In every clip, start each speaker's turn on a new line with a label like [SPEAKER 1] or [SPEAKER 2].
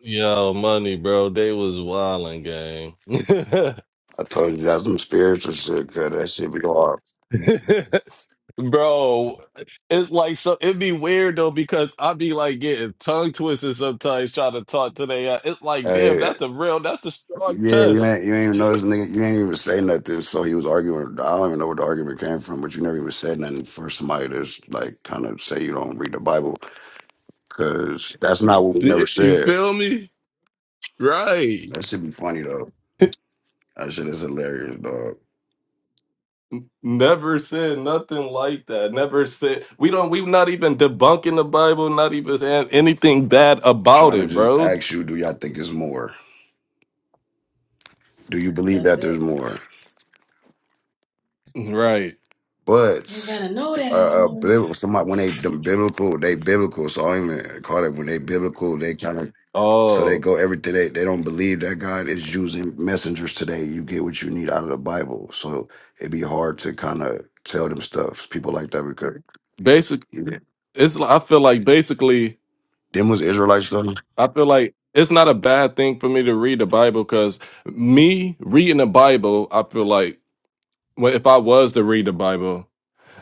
[SPEAKER 1] Yo, money, bro. They was wilding, gang.
[SPEAKER 2] I told you got some spiritual shit, cause that shit be hard.
[SPEAKER 1] bro, it's like so. It'd be weird though because I'd be like getting tongue twisted sometimes trying to talk to they. Uh, it's like, damn,
[SPEAKER 2] Hey,
[SPEAKER 1] that's a real, that's a
[SPEAKER 2] yeah,
[SPEAKER 1] strong
[SPEAKER 2] you
[SPEAKER 1] test.
[SPEAKER 2] ain't you ain't even notice, nigga. You ain't even say nothing. So he was arguing. I don't even know where the argument came from, but you never even said nothing for somebody that's like kind of say you don't read the Bible, cause that's not what we
[SPEAKER 1] Y-
[SPEAKER 2] never
[SPEAKER 1] You
[SPEAKER 2] said.
[SPEAKER 1] feel me? Right.
[SPEAKER 2] That should be funny though. That shit is hilarious, dog.
[SPEAKER 1] Never said nothing like that. Never said we don't. We've not even debunking the Bible. Not even saying anything bad about
[SPEAKER 2] Trying to
[SPEAKER 1] it,
[SPEAKER 2] just
[SPEAKER 1] bro.
[SPEAKER 2] ask you, do y'all think it's more? Do you believe
[SPEAKER 3] That's
[SPEAKER 2] that there's
[SPEAKER 3] it.
[SPEAKER 2] more?
[SPEAKER 1] Right.
[SPEAKER 2] But
[SPEAKER 3] You better know
[SPEAKER 2] uh,
[SPEAKER 3] that it's
[SPEAKER 2] uh
[SPEAKER 3] more.
[SPEAKER 2] biblical, somebody when they them biblical, they biblical. So I don't even call it when they biblical. They kind of So they
[SPEAKER 1] Oh,
[SPEAKER 2] go every they they don't believe that God is using messengers today. You get what you need out of the Bible. So it'd be hard to kind of tell them stuff. People like that because yeah.
[SPEAKER 1] it's li- I feel like basically
[SPEAKER 2] them was Israelites though.
[SPEAKER 1] I feel like it's not a bad thing for me to read the Bible because me reading the Bible, I feel like well, if I was to read the Bible,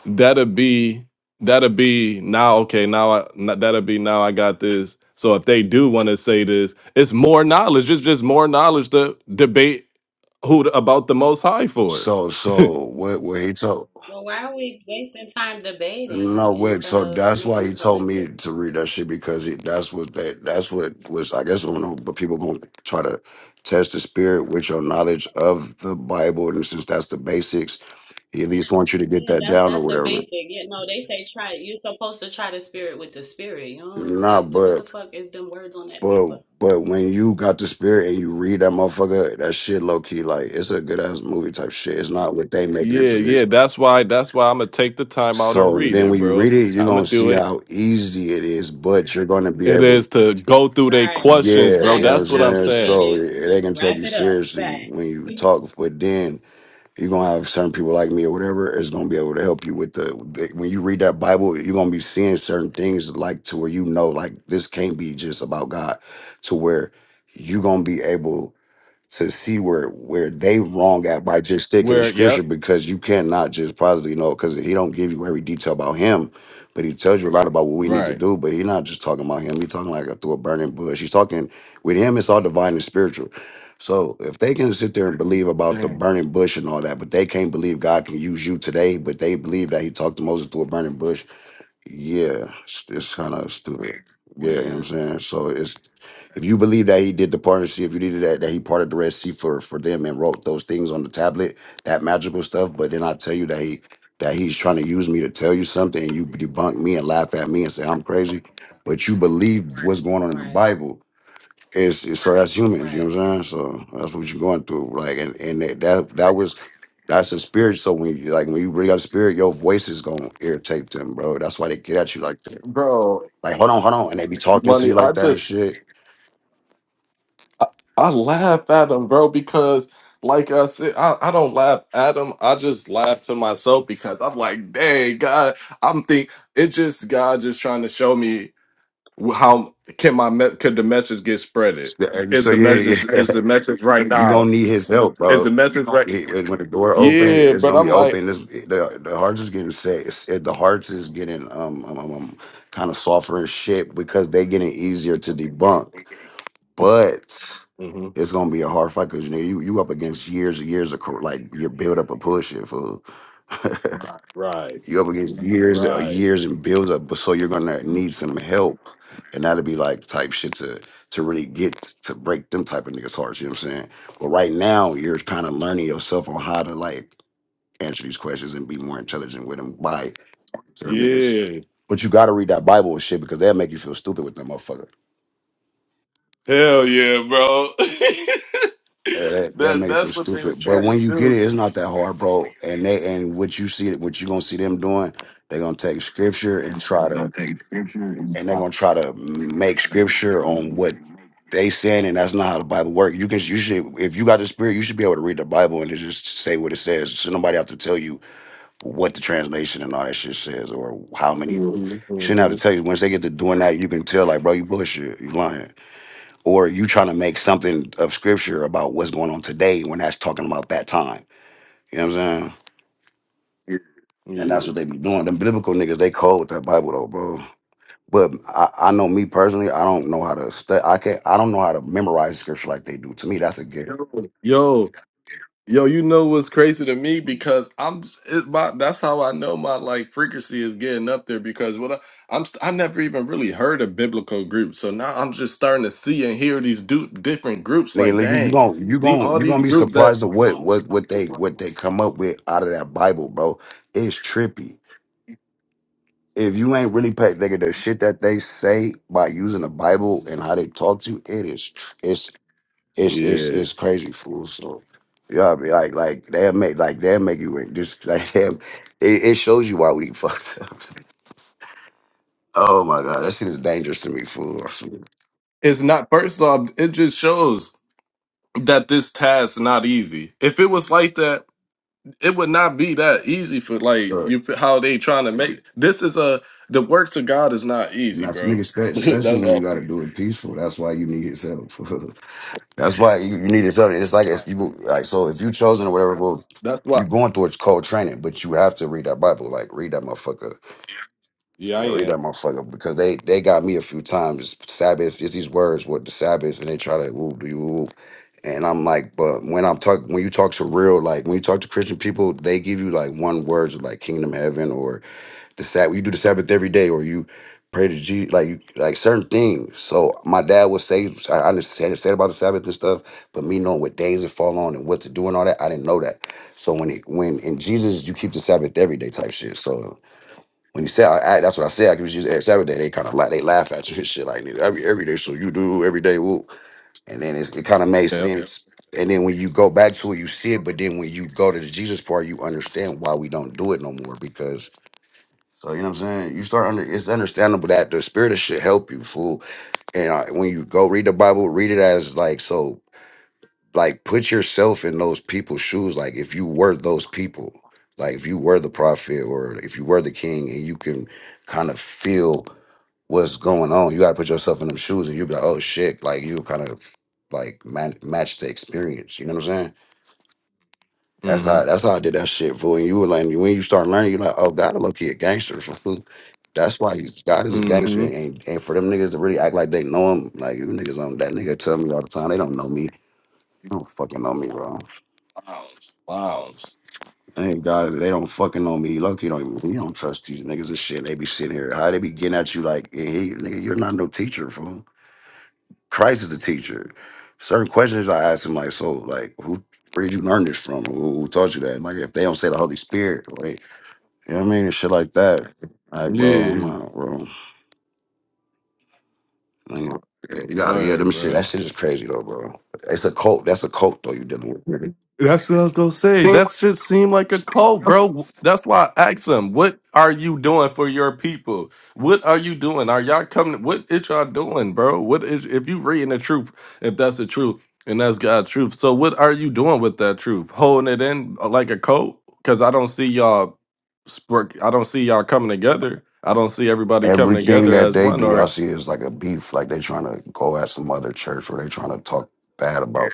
[SPEAKER 1] that'd be that'd be now okay now I n- that'd be now I got this. So if they do want to say this, it's more knowledge. It's just more knowledge to debate who the- about the Most High for.
[SPEAKER 2] So so what what he told
[SPEAKER 3] Well, why are we wasting time
[SPEAKER 2] no
[SPEAKER 3] debating
[SPEAKER 2] what
[SPEAKER 3] instead
[SPEAKER 2] so
[SPEAKER 3] of
[SPEAKER 2] that's why
[SPEAKER 3] making a
[SPEAKER 2] he told me
[SPEAKER 3] collective
[SPEAKER 2] to read
[SPEAKER 3] move?
[SPEAKER 2] that shit because he, that's what that that's what was I guess I don't know but people gonna try to test the spirit with your knowledge of the Bible and since that's the basics he at least wants you to get
[SPEAKER 3] Yeah,
[SPEAKER 2] that
[SPEAKER 3] that's
[SPEAKER 2] down or
[SPEAKER 3] that's the
[SPEAKER 2] whatever.
[SPEAKER 3] basic. Yeah, no, they say try. You're supposed to try the spirit with the spirit. You know,
[SPEAKER 2] Nah,
[SPEAKER 3] it, what
[SPEAKER 2] but
[SPEAKER 3] the fuck is them words on that
[SPEAKER 2] But
[SPEAKER 3] paper?
[SPEAKER 2] but when you got the spirit and you read that motherfucker, that shit low key like it's a good ass movie type shit. It's not what they making it
[SPEAKER 1] Yeah,
[SPEAKER 2] to be.
[SPEAKER 1] yeah. That's why. That's why I'm gonna take the time out and
[SPEAKER 2] So
[SPEAKER 1] read
[SPEAKER 2] then
[SPEAKER 1] it,
[SPEAKER 2] when you
[SPEAKER 1] bro.
[SPEAKER 2] read it, you're
[SPEAKER 1] I'm gonna
[SPEAKER 2] gonna
[SPEAKER 1] do
[SPEAKER 2] see
[SPEAKER 1] it.
[SPEAKER 2] how easy it is, but you're gonna be
[SPEAKER 1] It
[SPEAKER 2] able
[SPEAKER 1] is to go through their
[SPEAKER 3] Right,
[SPEAKER 1] questions,
[SPEAKER 2] yeah,
[SPEAKER 1] bro.
[SPEAKER 2] you know what I'm
[SPEAKER 3] exactly.
[SPEAKER 1] That's what
[SPEAKER 3] How
[SPEAKER 1] I'm
[SPEAKER 2] saying?
[SPEAKER 3] easy it
[SPEAKER 1] saying.
[SPEAKER 2] So
[SPEAKER 3] is to
[SPEAKER 2] they
[SPEAKER 3] just
[SPEAKER 2] can take
[SPEAKER 3] wrap
[SPEAKER 2] you
[SPEAKER 3] it up
[SPEAKER 2] seriously
[SPEAKER 3] fast.
[SPEAKER 2] when you talk, but then you're gonna have certain people like me or whatever is gonna be able to help you with the, the when you read that Bible, you're gonna be seeing certain things like to where you know like this can't be just about God to where you gonna be able to see where where they wrong at by just sticking to
[SPEAKER 1] Where,
[SPEAKER 2] scripture
[SPEAKER 1] yep,
[SPEAKER 2] because you cannot just positively know because he don't give you every detail about him, but he tells you a lot about what we need to
[SPEAKER 1] right.
[SPEAKER 2] do. But he's not just talking about him; he's talking like a, through a burning bush. He's talking with him. It's all divine and spiritual. So if they can sit there and believe about the
[SPEAKER 1] Dang,
[SPEAKER 2] burning bush and all that, but they can't believe God can use you today, but they believe that He talked to Moses through a burning bush yeah, it's, it's kind of stupid. Yeah, you know what I'm
[SPEAKER 1] weird,
[SPEAKER 2] saying. So it's if you believe that he did the partnership, if you did that that he parted the Red Sea for for them and wrote those things on the tablet, that magical stuff. But then I tell you that he that he's trying to use me to tell you something, and you debunk me and laugh at me and say I'm crazy. But you believe what's going on in the
[SPEAKER 3] Right,
[SPEAKER 2] Bible. It's, it's so that's humans. You
[SPEAKER 3] right.
[SPEAKER 2] know what I'm saying. So that's what you're going through. Like and and that that, that was that's the spirit. So when you like when you bring up spirit, your voice is gonna irritate them, bro. That's why they get at you like that.
[SPEAKER 1] bro.
[SPEAKER 2] Like, hold on, hold on, and they be talking to you
[SPEAKER 1] Money. I
[SPEAKER 2] like that and
[SPEAKER 1] just,
[SPEAKER 2] shit.
[SPEAKER 1] I, I laugh at them, bro, because like I said, I, I don't laugh at them. I just laugh to myself because I'm like, dang, God. I'm think it just God just trying to show me how can my me- could the message get spreaded?
[SPEAKER 2] So And
[SPEAKER 1] Is
[SPEAKER 2] So
[SPEAKER 1] the
[SPEAKER 2] yeah,
[SPEAKER 1] message
[SPEAKER 2] yeah,
[SPEAKER 1] is the message right
[SPEAKER 2] you
[SPEAKER 1] now?
[SPEAKER 2] gonna need his help,
[SPEAKER 1] Is the
[SPEAKER 2] bro.
[SPEAKER 1] message right?
[SPEAKER 2] He- When when the door open,
[SPEAKER 1] Yeah,
[SPEAKER 2] it's
[SPEAKER 1] but
[SPEAKER 2] gonna
[SPEAKER 1] I'm
[SPEAKER 2] be
[SPEAKER 1] like.
[SPEAKER 2] open. It's, the the hearts is getting set. It's, it, the hearts is getting um, um, um, um kind of softer and shit because they getting easier to debunk. But
[SPEAKER 1] mm-hmm.
[SPEAKER 2] it's gonna be a hard fight because you know you, you up against years and years of cor- like your build up a push it fool.
[SPEAKER 1] Right.
[SPEAKER 2] You're up against years, uh,
[SPEAKER 1] Right.
[SPEAKER 2] years and builds up, but so you're gonna need some help, and that'll be like type shit to to really get to break them type of niggas' hearts. You know what I'm saying? But right now, you're kind of learning yourself on how to like answer these questions and be more intelligent with them by certain niggas.
[SPEAKER 1] Yeah.
[SPEAKER 2] But you gotta read that Bible and shit because they'll make you feel stupid with that motherfucker.
[SPEAKER 1] Hell yeah, bro.
[SPEAKER 2] That, that
[SPEAKER 1] that
[SPEAKER 2] makes you feel
[SPEAKER 1] that's what they was
[SPEAKER 2] stupid. But
[SPEAKER 1] trying to
[SPEAKER 2] when you get it,
[SPEAKER 1] do.
[SPEAKER 2] it's not that hard, bro. And they and what you see, what you gonna see them doing, they gonna take scripture and try
[SPEAKER 1] They're
[SPEAKER 2] to
[SPEAKER 1] gonna take scripture and
[SPEAKER 2] and they're
[SPEAKER 1] try
[SPEAKER 2] gonna try to make
[SPEAKER 1] and they're gonna
[SPEAKER 2] scripture
[SPEAKER 1] try
[SPEAKER 2] on what
[SPEAKER 1] to
[SPEAKER 2] they saying, and that's not how the Bible works. You can you should if you got the spirit, you should be able to read the Bible and it just say what it says. Should nobody have to tell you what the translation and all that shit says or how many Mhm. shouldn't have to
[SPEAKER 1] Mm-hmm.
[SPEAKER 2] tell you. Once they get to doing that, you can tell like, bro, you bullshit, you lying. Or you trying to make something of scripture about what's going on today when that's talking about that time. You know what I'm saying? And that's
[SPEAKER 1] Yeah.
[SPEAKER 2] what they be doing. Them biblical niggas, they cold with that Bible though, bro. But I, I know me personally, I don't know how to stu I can't. I don't know how to memorize scripture like they do. To me, that's a gift.
[SPEAKER 1] Yo, yo, you know what's crazy to me because I'm it, my, that's how I know my like frequency is getting up there because what I, I'm st- I never even really heard of biblical groups. So now I'm just starting to see and hear these du- different groups
[SPEAKER 2] Nigga,
[SPEAKER 1] like
[SPEAKER 2] nigga, you
[SPEAKER 1] dang,
[SPEAKER 2] gon' you
[SPEAKER 1] the
[SPEAKER 2] gon'
[SPEAKER 1] all
[SPEAKER 2] you gonna
[SPEAKER 1] these
[SPEAKER 2] be
[SPEAKER 1] groups that
[SPEAKER 2] surprised at what what what they what they come up with out of that Bible, bro. It's trippy. If you ain't really paid, nigga, the shit that they say by using the Bible and how they talk to you, it is tr- it's it's it's
[SPEAKER 1] Yeah.
[SPEAKER 2] it's crazy, fool. So yeah, I be like like they'll make like they'll make you just like them. It, it shows you why we fucked up. Oh my god, that shit is dangerous to me, fool. I swear to
[SPEAKER 1] It's not first off, it just shows that this task not easy. If it was like that, it would not be that easy for like you for how they trying to make this is a the works of God is not
[SPEAKER 2] And
[SPEAKER 1] easy,
[SPEAKER 2] that's
[SPEAKER 1] bro.
[SPEAKER 2] nigga, spe- especially
[SPEAKER 1] That's
[SPEAKER 2] when you
[SPEAKER 1] all.
[SPEAKER 2] got to do it peaceful. That's why you need his help. that's why you, you need his help. It's like if you like, so if you chosen or whatever, well,
[SPEAKER 1] That's why.
[SPEAKER 2] you going through it's cold training, but you have to read that Bible. Like read that motherfucker.
[SPEAKER 1] Yeah, I
[SPEAKER 2] Yeah, read that
[SPEAKER 1] am.
[SPEAKER 2] motherfucker because they they got me a few times. Sabbath is these words. What the Sabbath, and they try to woo do you woo, and I'm like, but when I'm talk when you talk to real like when you talk to Christian people, they give you like one words like kingdom heaven or the Sabbath. You do the Sabbath every day, or you pray to Jesus, like you like certain things. So my dad would say, I I understand understand about the Sabbath and stuff, but me knowing what days it fall on and what to do and all that, I didn't know that. So when it when in Jesus, you keep the Sabbath every day type shit. So when you say I, I that's what I said, I keep Jesus every Sabbath day. They kind of like they laugh at you and shit like nigga, every every day. So you do every day, woo. and then it's, it kind of made
[SPEAKER 1] Yeah.
[SPEAKER 2] sense. And then when you go back to it, you see it. But then when you go to the Jesus part, you understand why we don't do it no more because so you know what I'm saying. You start under. It's understandable that the spirit of should help you, fool. And uh, when you go read the Bible, read it as like so. Like put yourself in those people's shoes. Like if you were those people, like if you were the prophet or if you were the king, and you can kind of feel what's going on. You got to put yourself in them shoes, and you'll be like, oh shit. Like you kind of like man- match the experience. You know what I'm saying. That's how
[SPEAKER 1] Mm-hmm.
[SPEAKER 2] that's how I did that shit. Fool. And you were like, when you start learning, you're like, oh, God, a low key a gangster. Fool. That's why you, God is a gangster.
[SPEAKER 1] Mm-hmm.
[SPEAKER 2] And, and for them niggas to really act like they know him, like you niggas on that nigga tell me all the time, they don't know me. They don't fucking know me, bro.
[SPEAKER 1] Wow.
[SPEAKER 2] Thank God they don't fucking know me. Look, you don't even, you don't trust these niggas and shit. They be sitting here. How they be getting at you like, hey, hey, nigga, you're not no teacher, fool. Christ is the teacher. Certain questions I ask him, like, so, like, who, where did you learn this from? Who, who taught you that? Like, if they don't say the Holy Spirit, You know what I mean? And shit like that. Like, bro,
[SPEAKER 1] Yeah.
[SPEAKER 2] I'm out, bro. Like, yeah, you got, yeah, them
[SPEAKER 1] Word,
[SPEAKER 2] shit.
[SPEAKER 1] bro.
[SPEAKER 2] That shit is crazy though, bro. It's a cult. That's a cult though. You dealing with.
[SPEAKER 1] That's what I was gonna say.
[SPEAKER 2] See,
[SPEAKER 1] That shit seemed like a cult, bro. That's why I asked him, "What are you doing for your people? What are you doing? Are y'all coming? What is y'all doing, bro? What is if you reading the truth? If that's the truth and that's God's truth, so what are you doing with that truth? Holding it in uh, like a cult? Because I don't see y'all. spark- I don't see y'all coming together. I don't see everybody coming
[SPEAKER 2] Everything
[SPEAKER 1] together
[SPEAKER 2] that
[SPEAKER 1] as
[SPEAKER 2] they
[SPEAKER 1] one.
[SPEAKER 2] do, I
[SPEAKER 1] Or
[SPEAKER 2] see is like a beef. Like they trying to go at some other church, or they trying to talk bad about.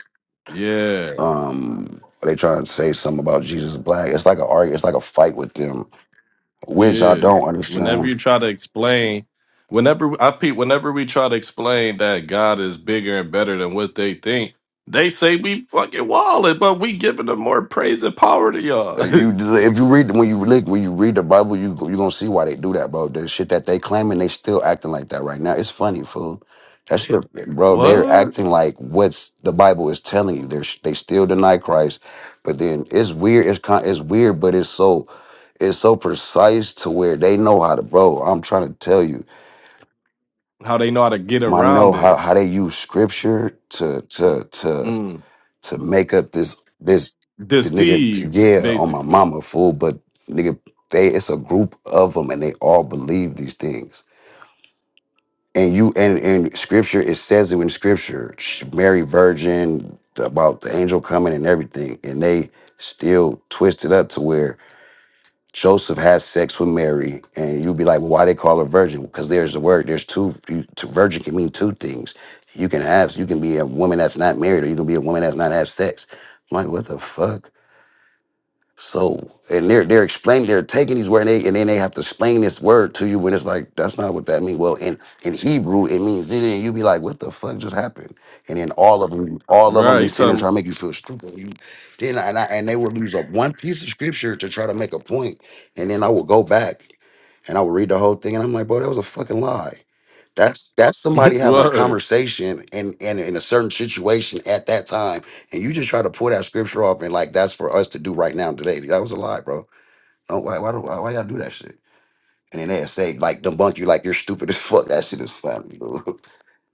[SPEAKER 1] yeah.
[SPEAKER 2] Um, or they trying to say something about Jesus Black. It's like a argue. It's like a fight with them, which I
[SPEAKER 1] Yeah.
[SPEAKER 2] don't
[SPEAKER 1] Whenever
[SPEAKER 2] understand.
[SPEAKER 1] you try to explain, whenever I peep, whenever we try to explain that God is bigger and better than what they think, they say we fucking wallet, but we giving them more praise and power to
[SPEAKER 2] Uh,
[SPEAKER 1] y'all.
[SPEAKER 2] You, if you read when you read when you read the Bible, you you gonna see why they do that, bro. The shit that they claiming, they still acting like that right now. It's funny, fool. That's the bro. They're
[SPEAKER 1] what?
[SPEAKER 2] acting like what's the Bible is telling you. They they still deny Christ, but then it's weird. It's kind. It's weird, but it's so it's so precise to where they know how to, bro. I'm trying to tell you,
[SPEAKER 1] How they know how to get
[SPEAKER 2] I
[SPEAKER 1] around
[SPEAKER 2] know how
[SPEAKER 1] it?
[SPEAKER 2] how they use scripture to to to
[SPEAKER 1] Mm.
[SPEAKER 2] to make up this this the nigga
[SPEAKER 1] Deceived,
[SPEAKER 2] yeah on my
[SPEAKER 1] basically.
[SPEAKER 2] mama fool, but nigga they it's a group of them and they all believe these things. And you and in scripture it says it in scripture, sh- Mary Virgin about the angel coming and everything, and they still twist it up to where Joseph had sex with Mary, and you'll be like, well, why they call her virgin? Because there's a word. There's two, you- two. Virgin can mean two things. You can have, you can be a woman that's not married, or you can be a woman that's not have sex. I'm like, what the fuck? So and they're they're explaining they're taking these words and, they, and then they have to explain this word to you when it's like that's not what that means. Well, in in Hebrew it means it, and you be like, what the fuck just happened? And then all of them, all of them
[SPEAKER 1] Right?
[SPEAKER 2] be
[SPEAKER 1] You
[SPEAKER 2] sitting there
[SPEAKER 1] talking?
[SPEAKER 2] trying to make you feel stupid. You, then I, and I and they would use up one piece of scripture to try to make a point, and then I would go back and I would read the whole thing, and I'm like, bro, that was a fucking lie. That's that's somebody having a
[SPEAKER 1] Word.
[SPEAKER 2] conversation and and in a certain situation at that time, and you just try to pull that scripture off and like that's for us to do right now today. That was a lie, bro. Don't why why do why, why y'all do that shit? And then they say like debunk you like you're stupid as fuck. That shit is funny, bro.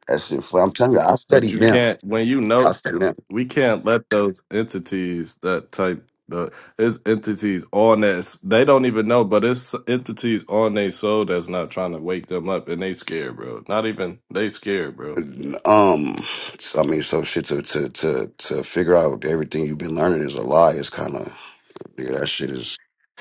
[SPEAKER 2] That shit fun. I'm telling you, I
[SPEAKER 1] But
[SPEAKER 2] studied
[SPEAKER 1] you
[SPEAKER 2] them.
[SPEAKER 1] can't when you
[SPEAKER 2] I
[SPEAKER 1] know
[SPEAKER 2] studied them.
[SPEAKER 1] we can't let those entities that type the it's entities on that they don't even know, but it's entities on their soul that's not trying to wake them up and they scared, bro. Not even they scared, bro.
[SPEAKER 2] Um, so, I mean, so shit to to to to figure out everything you've been learning is a lie. It's kind of yeah, that shit is.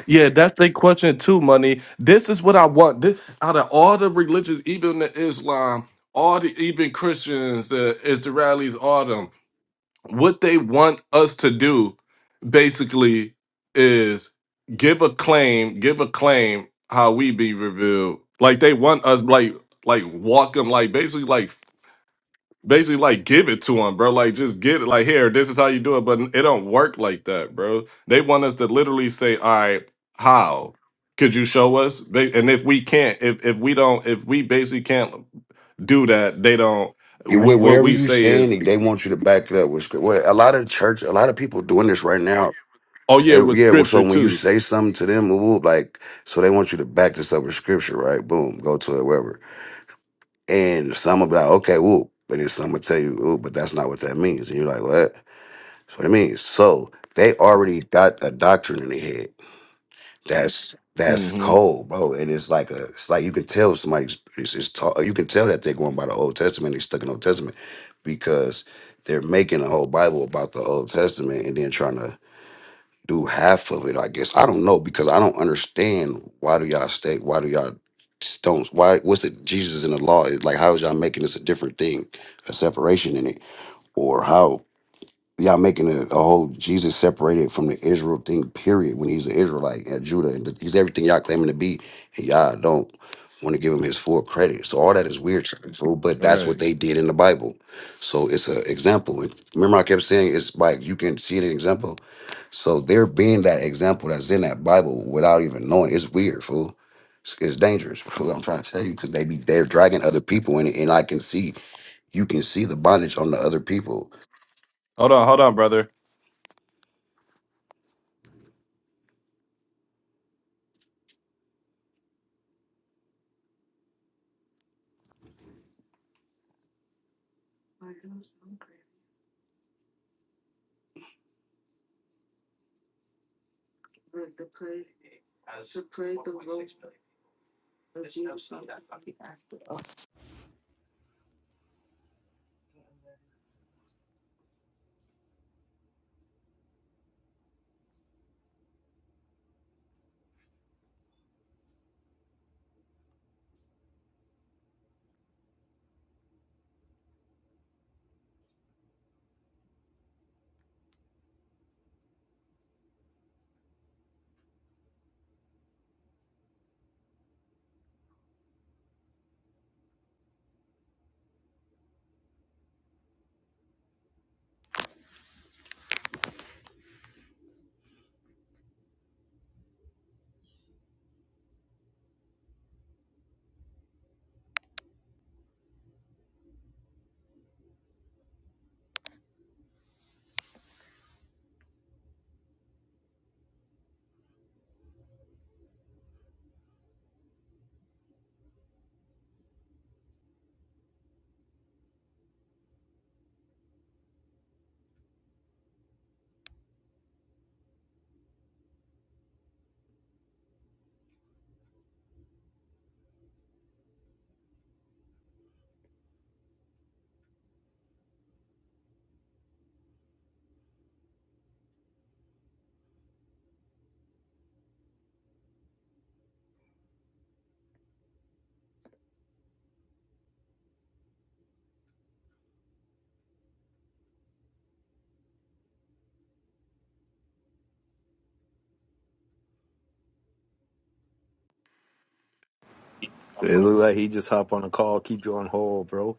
[SPEAKER 1] Yeah, that's their question too, money. This is what I want. This out of all the religions, even the Islam, all the even Christians, the Israelis, all them. what they want us to do basically is give a claim, give a claim how we be revealed. Like they want us like like walk them like basically like basically like give it to them, bro. Like just get it like here, this is how you do it, but it don't work like that, bro. They want us to literally say, "All right, how could you show us?" Ba- And if we can't, if if we don't, if we basically can't do that, they don't
[SPEAKER 2] You
[SPEAKER 1] wh-
[SPEAKER 2] with
[SPEAKER 1] what
[SPEAKER 2] whatever
[SPEAKER 1] we
[SPEAKER 2] you
[SPEAKER 1] say
[SPEAKER 2] saying,
[SPEAKER 1] is,
[SPEAKER 2] they they want you to back it up with script. Well, a lot of church, a lot of people doing this right now.
[SPEAKER 1] "Oh yeah,
[SPEAKER 2] And
[SPEAKER 1] with
[SPEAKER 2] yeah, well, so
[SPEAKER 1] scripture
[SPEAKER 2] when you
[SPEAKER 1] too."
[SPEAKER 2] say something to them, woo, like, so they want you to back this up with scripture, right? Boom, go to it, wherever. And some will be like, okay, woo, but then some will tell you, ooh, but that's not what that means. And you're like, what? That's what it means. So they already got a doctrine in their head. That's that's
[SPEAKER 1] Mm-hmm.
[SPEAKER 2] cold, bro. And it's like a, it's like you can tell somebody's, it's, it's ta- you can tell that they're going by the Old Testament. They stuck in Old Testament because they're making a whole Bible about the Old Testament and then trying to do half of it. I guess I don't know because I don't understand why do y'all stay, why do y'all stones, why what's it Jesus in the law? It's like how is y'all making this a different thing, a separation in it, or how? y'all making a, a whole Jesus separated from the Israel thing, period, when he's an Israelite and Judah, and he's everything y'all claiming to be, and y'all don't want to give him his full credit. So all that is weird, to people, but that's what
[SPEAKER 1] Right.
[SPEAKER 2] they did in the Bible. So it's an example. And remember, I kept saying it's like you can see an example. So there being that example that's in that Bible without even knowing, it's weird, fool. It's, it's dangerous. Fool. I'm trying to tell you because they be they're dragging other people in it, and I can see you can see the bondage on the other people.
[SPEAKER 1] Hold on, hold on, brother.
[SPEAKER 4] It look like he just hop on a call, keep you on hold, bro.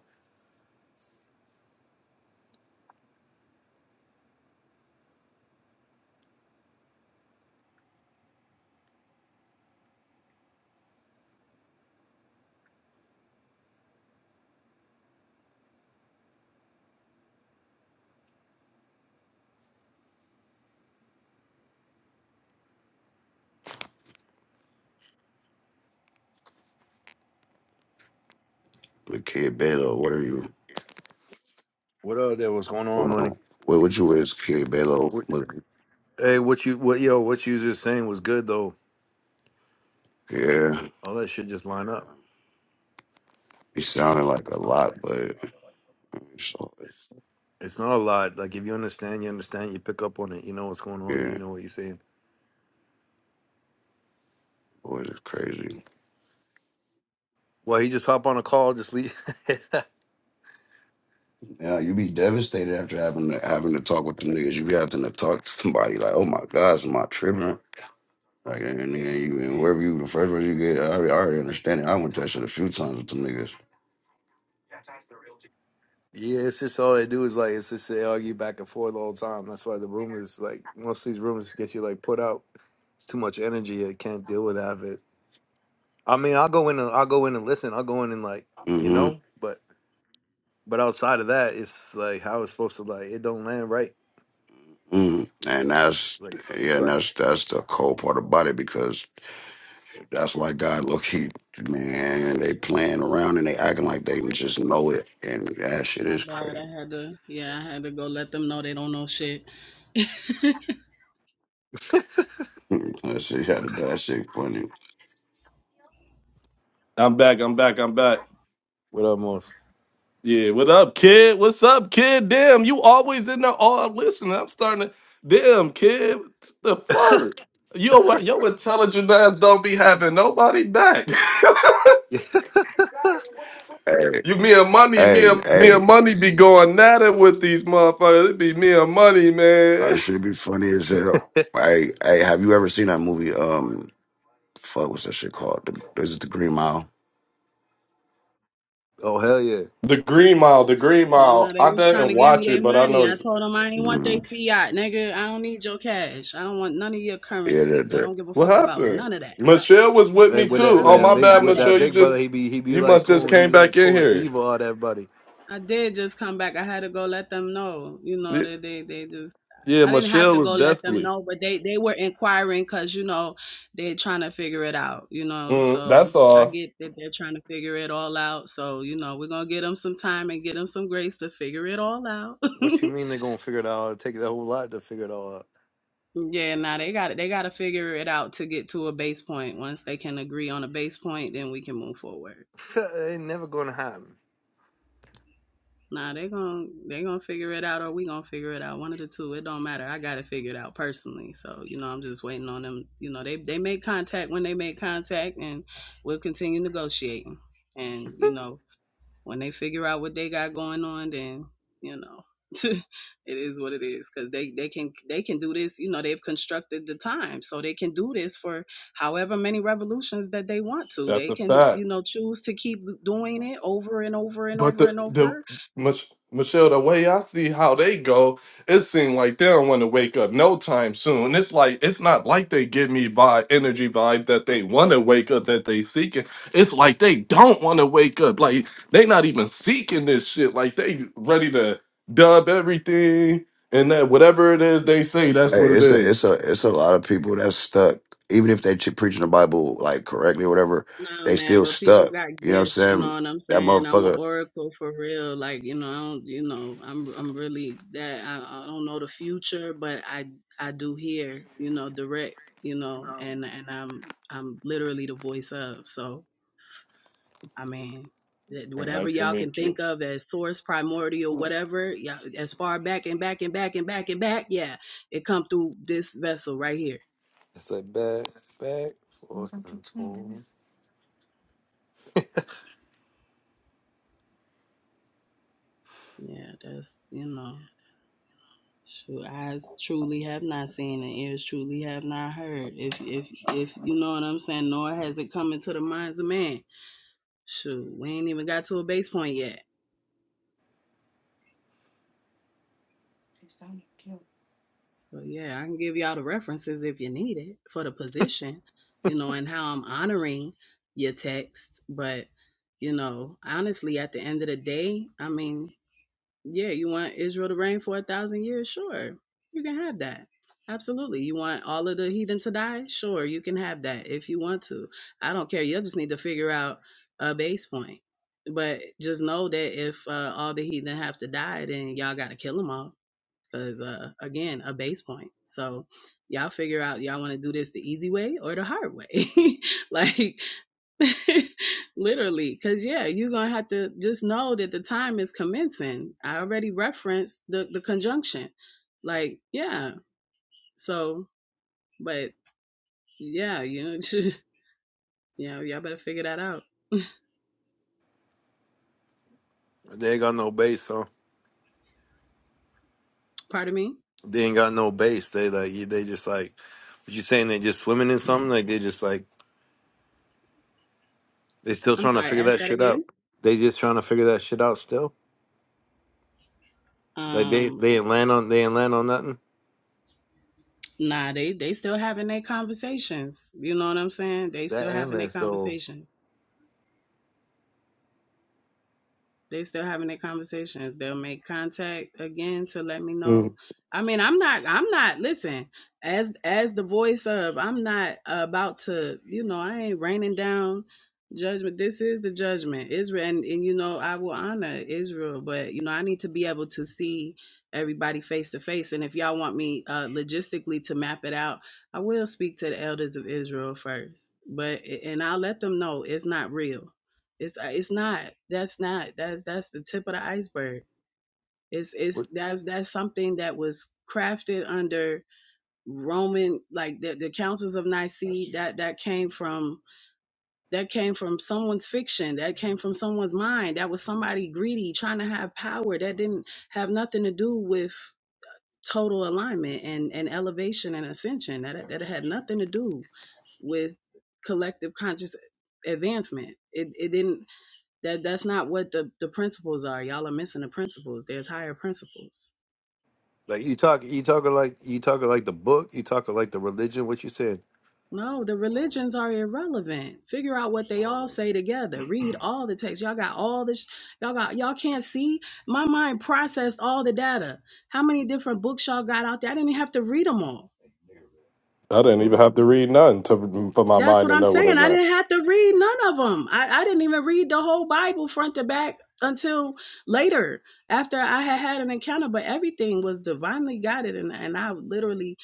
[SPEAKER 2] The kid bed or whatever you
[SPEAKER 4] What up there? What's going on,
[SPEAKER 2] going
[SPEAKER 4] money?
[SPEAKER 2] on? What would you is Carrie Belo
[SPEAKER 4] What,
[SPEAKER 2] looking?
[SPEAKER 4] hey, what you what yo, what you was just saying was good though.
[SPEAKER 2] Yeah.
[SPEAKER 4] All that shit just line up.
[SPEAKER 2] He sounded like a lot, but so
[SPEAKER 4] It's not a lot. Like if you understand, you understand, you pick up on it, you know what's going on,
[SPEAKER 2] yeah,
[SPEAKER 4] you know what you're saying.
[SPEAKER 2] boy, it's crazy.
[SPEAKER 4] Well, he just hop on a call, just leave
[SPEAKER 2] Yeah, you be devastated after having to having to talk with the niggas. You be having to talk to somebody like, oh my gosh, am I tripping? Like and, and, and you, and wherever you the first person you get, I already, I already understand it. I went to that shit a few times with them niggas.
[SPEAKER 4] Yeah, it's just all they do is like it's just they argue back and forth all the time. That's why the room is like most of these rooms get you like put out. It's too much energy. I can't deal with half it. I mean, I'll go in and I'll go in and listen. I'll go in and like, you
[SPEAKER 2] Mm-hmm.
[SPEAKER 4] know, but But outside of that, it's like how it's supposed to like it don't land right.
[SPEAKER 2] mm And that's
[SPEAKER 4] Like
[SPEAKER 2] yeah,
[SPEAKER 4] it's
[SPEAKER 2] and
[SPEAKER 4] like
[SPEAKER 2] that's that's the cold part about it because That's why God look, he man, they playing around and they acting like they just know it. And that shit
[SPEAKER 3] My
[SPEAKER 2] is
[SPEAKER 3] bad.
[SPEAKER 2] crazy.
[SPEAKER 3] I had to. Yeah, I had to go let them know they don't know shit.
[SPEAKER 2] that shit, that shit funny.
[SPEAKER 1] I'm back. I'm back. I'm back.
[SPEAKER 4] what up, Morph?
[SPEAKER 1] Yeah. What up, kid? What's up, kid? Damn, you always in there all listening. I'm starting to damn kid. what The fuck? You what your intelligent ass don't be having nobody back.
[SPEAKER 2] Hey,
[SPEAKER 1] you me and money, me
[SPEAKER 2] hey,
[SPEAKER 1] and me
[SPEAKER 2] hey,
[SPEAKER 1] and money be going at it with these motherfuckers. It be me and money,
[SPEAKER 2] uh,
[SPEAKER 1] man.
[SPEAKER 2] should be funny as hell. Hey, hey, have you ever seen that movie? Um, fuck, what's that shit called? The, is it the Green Mile?
[SPEAKER 4] oh hell yeah!
[SPEAKER 1] The Green Mile, the Green
[SPEAKER 3] Yeah,
[SPEAKER 1] Mile.
[SPEAKER 3] no, they
[SPEAKER 1] I
[SPEAKER 3] was trying
[SPEAKER 1] didn't
[SPEAKER 3] to give me
[SPEAKER 1] watch it,
[SPEAKER 3] their
[SPEAKER 1] but I
[SPEAKER 3] money.
[SPEAKER 1] know.
[SPEAKER 3] I told them I ain't want their
[SPEAKER 2] Mhm.
[SPEAKER 3] fiat, nigga. I don't need your cash. I don't want none of your
[SPEAKER 2] Yeah, the,
[SPEAKER 3] currencies. I
[SPEAKER 2] the,
[SPEAKER 3] don't give a
[SPEAKER 1] What
[SPEAKER 3] fuck about
[SPEAKER 1] happened?
[SPEAKER 3] none of that. Yeah,
[SPEAKER 1] Michelle was with
[SPEAKER 4] Right,
[SPEAKER 1] me
[SPEAKER 4] with
[SPEAKER 3] yeah,
[SPEAKER 4] that
[SPEAKER 1] too.
[SPEAKER 3] I
[SPEAKER 4] with
[SPEAKER 1] Oh
[SPEAKER 3] don't
[SPEAKER 4] that
[SPEAKER 1] my
[SPEAKER 3] need
[SPEAKER 4] big
[SPEAKER 1] bad,
[SPEAKER 3] none of
[SPEAKER 4] with
[SPEAKER 3] that.
[SPEAKER 4] that
[SPEAKER 1] Michelle. You
[SPEAKER 4] big
[SPEAKER 1] just
[SPEAKER 4] brother, he be he be
[SPEAKER 1] you
[SPEAKER 4] like
[SPEAKER 1] must just
[SPEAKER 4] pulling he
[SPEAKER 1] came
[SPEAKER 4] be
[SPEAKER 1] back
[SPEAKER 4] like
[SPEAKER 1] in
[SPEAKER 4] pulling
[SPEAKER 1] here.
[SPEAKER 4] evil out of everybody.
[SPEAKER 3] I did just come back. I had to go let them know. You know,
[SPEAKER 1] Y-
[SPEAKER 3] that they they just.
[SPEAKER 1] Yeah,
[SPEAKER 3] I didn't have
[SPEAKER 1] Michelle
[SPEAKER 3] to
[SPEAKER 1] was
[SPEAKER 3] go let them
[SPEAKER 1] deathly.
[SPEAKER 3] know, but they they were inquiring because you know they're trying to figure it out. You know,
[SPEAKER 1] Mm,
[SPEAKER 3] so
[SPEAKER 1] that's
[SPEAKER 3] I
[SPEAKER 1] all.
[SPEAKER 3] get that they're trying to figure it all out. So you know, we're gonna give them some time and give them some grace to figure it all out.
[SPEAKER 4] What you mean they gonna figure it out? It take the whole lot to figure it all out.
[SPEAKER 3] Yeah, now they got they got to figure it out to get to a base point. Once they can agree on a base point, then we can move forward.
[SPEAKER 4] it ain't never gonna happen.
[SPEAKER 3] Nah, they gon' they gonna figure it out, or we gonna figure it out. One of the two. It don't matter. I got it figured out personally. So you know, I'm just waiting on them. You know, they they make contact when they make contact, and we'll continue negotiating. And you know, When they figure out what they got going on, then you know, it is what it is. Because they they can they can do this. You know, they've constructed the time, so they can do this for however many revolutions that they want to.
[SPEAKER 1] That's
[SPEAKER 3] They
[SPEAKER 1] a
[SPEAKER 3] can
[SPEAKER 1] fact.
[SPEAKER 3] you know choose to keep doing it over and over and
[SPEAKER 1] But
[SPEAKER 3] over
[SPEAKER 1] the
[SPEAKER 3] and
[SPEAKER 1] the
[SPEAKER 3] over
[SPEAKER 1] Mich- Michelle, the way I see how they go, it seems like they don't want to wake up no time soon. It's like it's not like they give me vibe energy vibe that they want to wake up that they seeking. It's like they don't want to wake up. Like they not even seeking this shit. Like they ready to dub everything and that whatever it is they say, that's
[SPEAKER 2] hey,
[SPEAKER 4] Shoot,
[SPEAKER 1] what it
[SPEAKER 2] it's a,
[SPEAKER 1] is.
[SPEAKER 2] it's a, it's a lot of people that's stuck. Even if they ch- preaching the Bible like correctly or whatever,
[SPEAKER 3] Nah,
[SPEAKER 2] they
[SPEAKER 3] man,
[SPEAKER 2] still
[SPEAKER 3] but people
[SPEAKER 2] stuck.
[SPEAKER 3] got
[SPEAKER 2] You know what I'm
[SPEAKER 3] gifts. You know
[SPEAKER 2] saying?
[SPEAKER 3] what I'm
[SPEAKER 2] That
[SPEAKER 3] saying? I'm an
[SPEAKER 2] motherfucker.
[SPEAKER 3] oracle for real. Like, you know, I don't, you know, I'm, I'm really that. I, I don't know the future, but I, I do hear, you know, direct, you know, and and I'm, I'm literally the voice of. So, I mean, that- whatever
[SPEAKER 1] Nice to
[SPEAKER 3] y'all
[SPEAKER 1] meet
[SPEAKER 3] can
[SPEAKER 1] you.
[SPEAKER 3] think of as source, primordial, whatever, yeah, as far back and back and back and back and back, yeah, it come through this vessel right here.
[SPEAKER 4] it's like back back forth and forth.
[SPEAKER 3] Yeah, that's, you know. Shoot, eyes truly have not seen and ears truly have not heard. If if if you know what I'm saying, nor has it come into the minds of man. Shoot, we ain't even got to a base point yet. So yeah, I can give y'all the references if you need it for the position, you know, and how I'm honoring your text. But, you know, honestly at the end of the day, I mean, Yeah, you want Israel to reign for a thousand years? Sure, you can have that. Absolutely. You want all of the heathen to die? Sure, you can have that if you want to. I don't care. You'll just need to figure out a base point. But just know that if uh, all the heathen have to die, then y'all got to kill them all. Because, uh, again, a base point. So y'all figure out y'all want to do this the easy way or the hard way. like, Literally, because yeah, you're gonna have to just know that the time is commencing. I already referenced the the conjunction, like yeah. So, but yeah, you know, you y'all better figure that out.
[SPEAKER 4] They ain't got no base, huh?
[SPEAKER 3] Pardon me.
[SPEAKER 4] they ain't got no base. They like you- they just like. What you saying? They just swimming in something? Like they just like They still
[SPEAKER 3] I'm
[SPEAKER 4] trying to
[SPEAKER 3] sorry.
[SPEAKER 4] figure
[SPEAKER 3] Ask
[SPEAKER 4] that
[SPEAKER 3] that
[SPEAKER 4] shit out.
[SPEAKER 3] again.
[SPEAKER 4] They just trying to figure that shit out still. Like they
[SPEAKER 3] Um,
[SPEAKER 4] they did land on they did land on nothing.
[SPEAKER 3] nah, they they still having their conversations. You know what I'm saying? They
[SPEAKER 4] That
[SPEAKER 3] still
[SPEAKER 4] and
[SPEAKER 3] having their
[SPEAKER 4] that. So
[SPEAKER 3] conversations. they still having their conversations. They'll make contact again to let me know.
[SPEAKER 1] Mm,
[SPEAKER 3] I mean, I'm not I'm not listen, as as the voice of, I'm not about to, you know, I ain't raining down judgment. This is the judgment. Israel and, and you know, I will honor Israel, but you know, I need to be able to see everybody face to face. And if y'all want me uh logistically to map it out, I will speak to the elders of Israel first. But and I'll let them know it's not real it's uh, it's not. That's not. That's that's the tip of the iceberg. It's it's
[SPEAKER 4] what-
[SPEAKER 3] that's that's something that was crafted under Roman like the, the councils of Nicaea. That that came from that came from someone's fiction. That came from someone's mind. That was somebody greedy trying to have power. That didn't have nothing to do with total alignment and and elevation and ascension. That that had nothing to do with collective conscious advancement. It it didn't that that's not what the, the principles are. Y'all are missing the principles. There's higher principles.
[SPEAKER 4] like you talk you talking like you talking like the book. You talking like the religion. What you said?
[SPEAKER 3] No, the religions are irrelevant. Figure out what they all say together. Read all the texts. Y'all got all this. Y'all got y'all can't see. My mind processed all the data. How many different books y'all got out there? I didn't even have to read them all.
[SPEAKER 1] I didn't even
[SPEAKER 4] Fuck.
[SPEAKER 1] have to read nothing to, for my
[SPEAKER 3] That's
[SPEAKER 1] mind
[SPEAKER 3] what
[SPEAKER 1] to
[SPEAKER 3] I'm
[SPEAKER 1] know what
[SPEAKER 3] saying.
[SPEAKER 1] it
[SPEAKER 3] I
[SPEAKER 1] meant.
[SPEAKER 3] didn't have to read none of them. I, I didn't even read the whole Bible front to back until later after I had had an encounter, but everything was divinely guided. And, and I literally,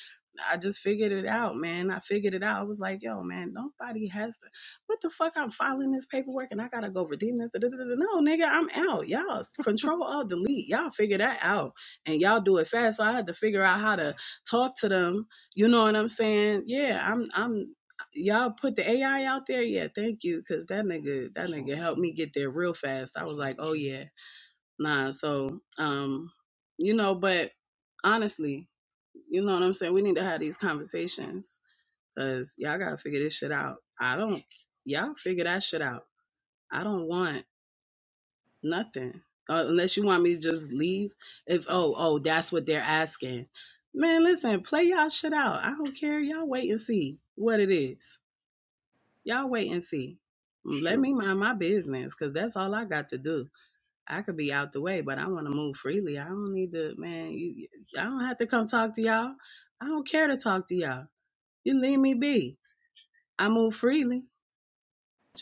[SPEAKER 3] I just figured it out, man. I figured it out. I was like, yo, man, nobody has to, what the fuck? I'm filing this paperwork and I got to go redeem this. da-da-da-da. No, nigga, I'm out. Y'all control all delete. Y'all figure that out and y'all do it fast. So I had to figure out how to talk to them you know what I'm saying? Yeah, I'm I'm y'all put the AI out there? Yeah, thank you, cause that nigga, that nigga helped me get there real fast. I was like, oh yeah, nah. So, um, you know, but honestly, you know what I'm saying? We need to have these conversations, cause y'all gotta figure this shit out. I don't, y'all figure that shit out. I don't want nothing uh, unless you want me to just leave. If oh oh, that's what they're asking. Man, listen, play y'all shit out. I don't care. Y'all wait and see what it is. Y'all wait and see. Mm, Let
[SPEAKER 4] Shoot.
[SPEAKER 3] me mind my business because that's all I got to do. I could be out the way, but I want to move freely. I don't need to, man. You, you- I don't have to come talk to y'all. I don't care to talk to y'all. You leave me be. I move freely. What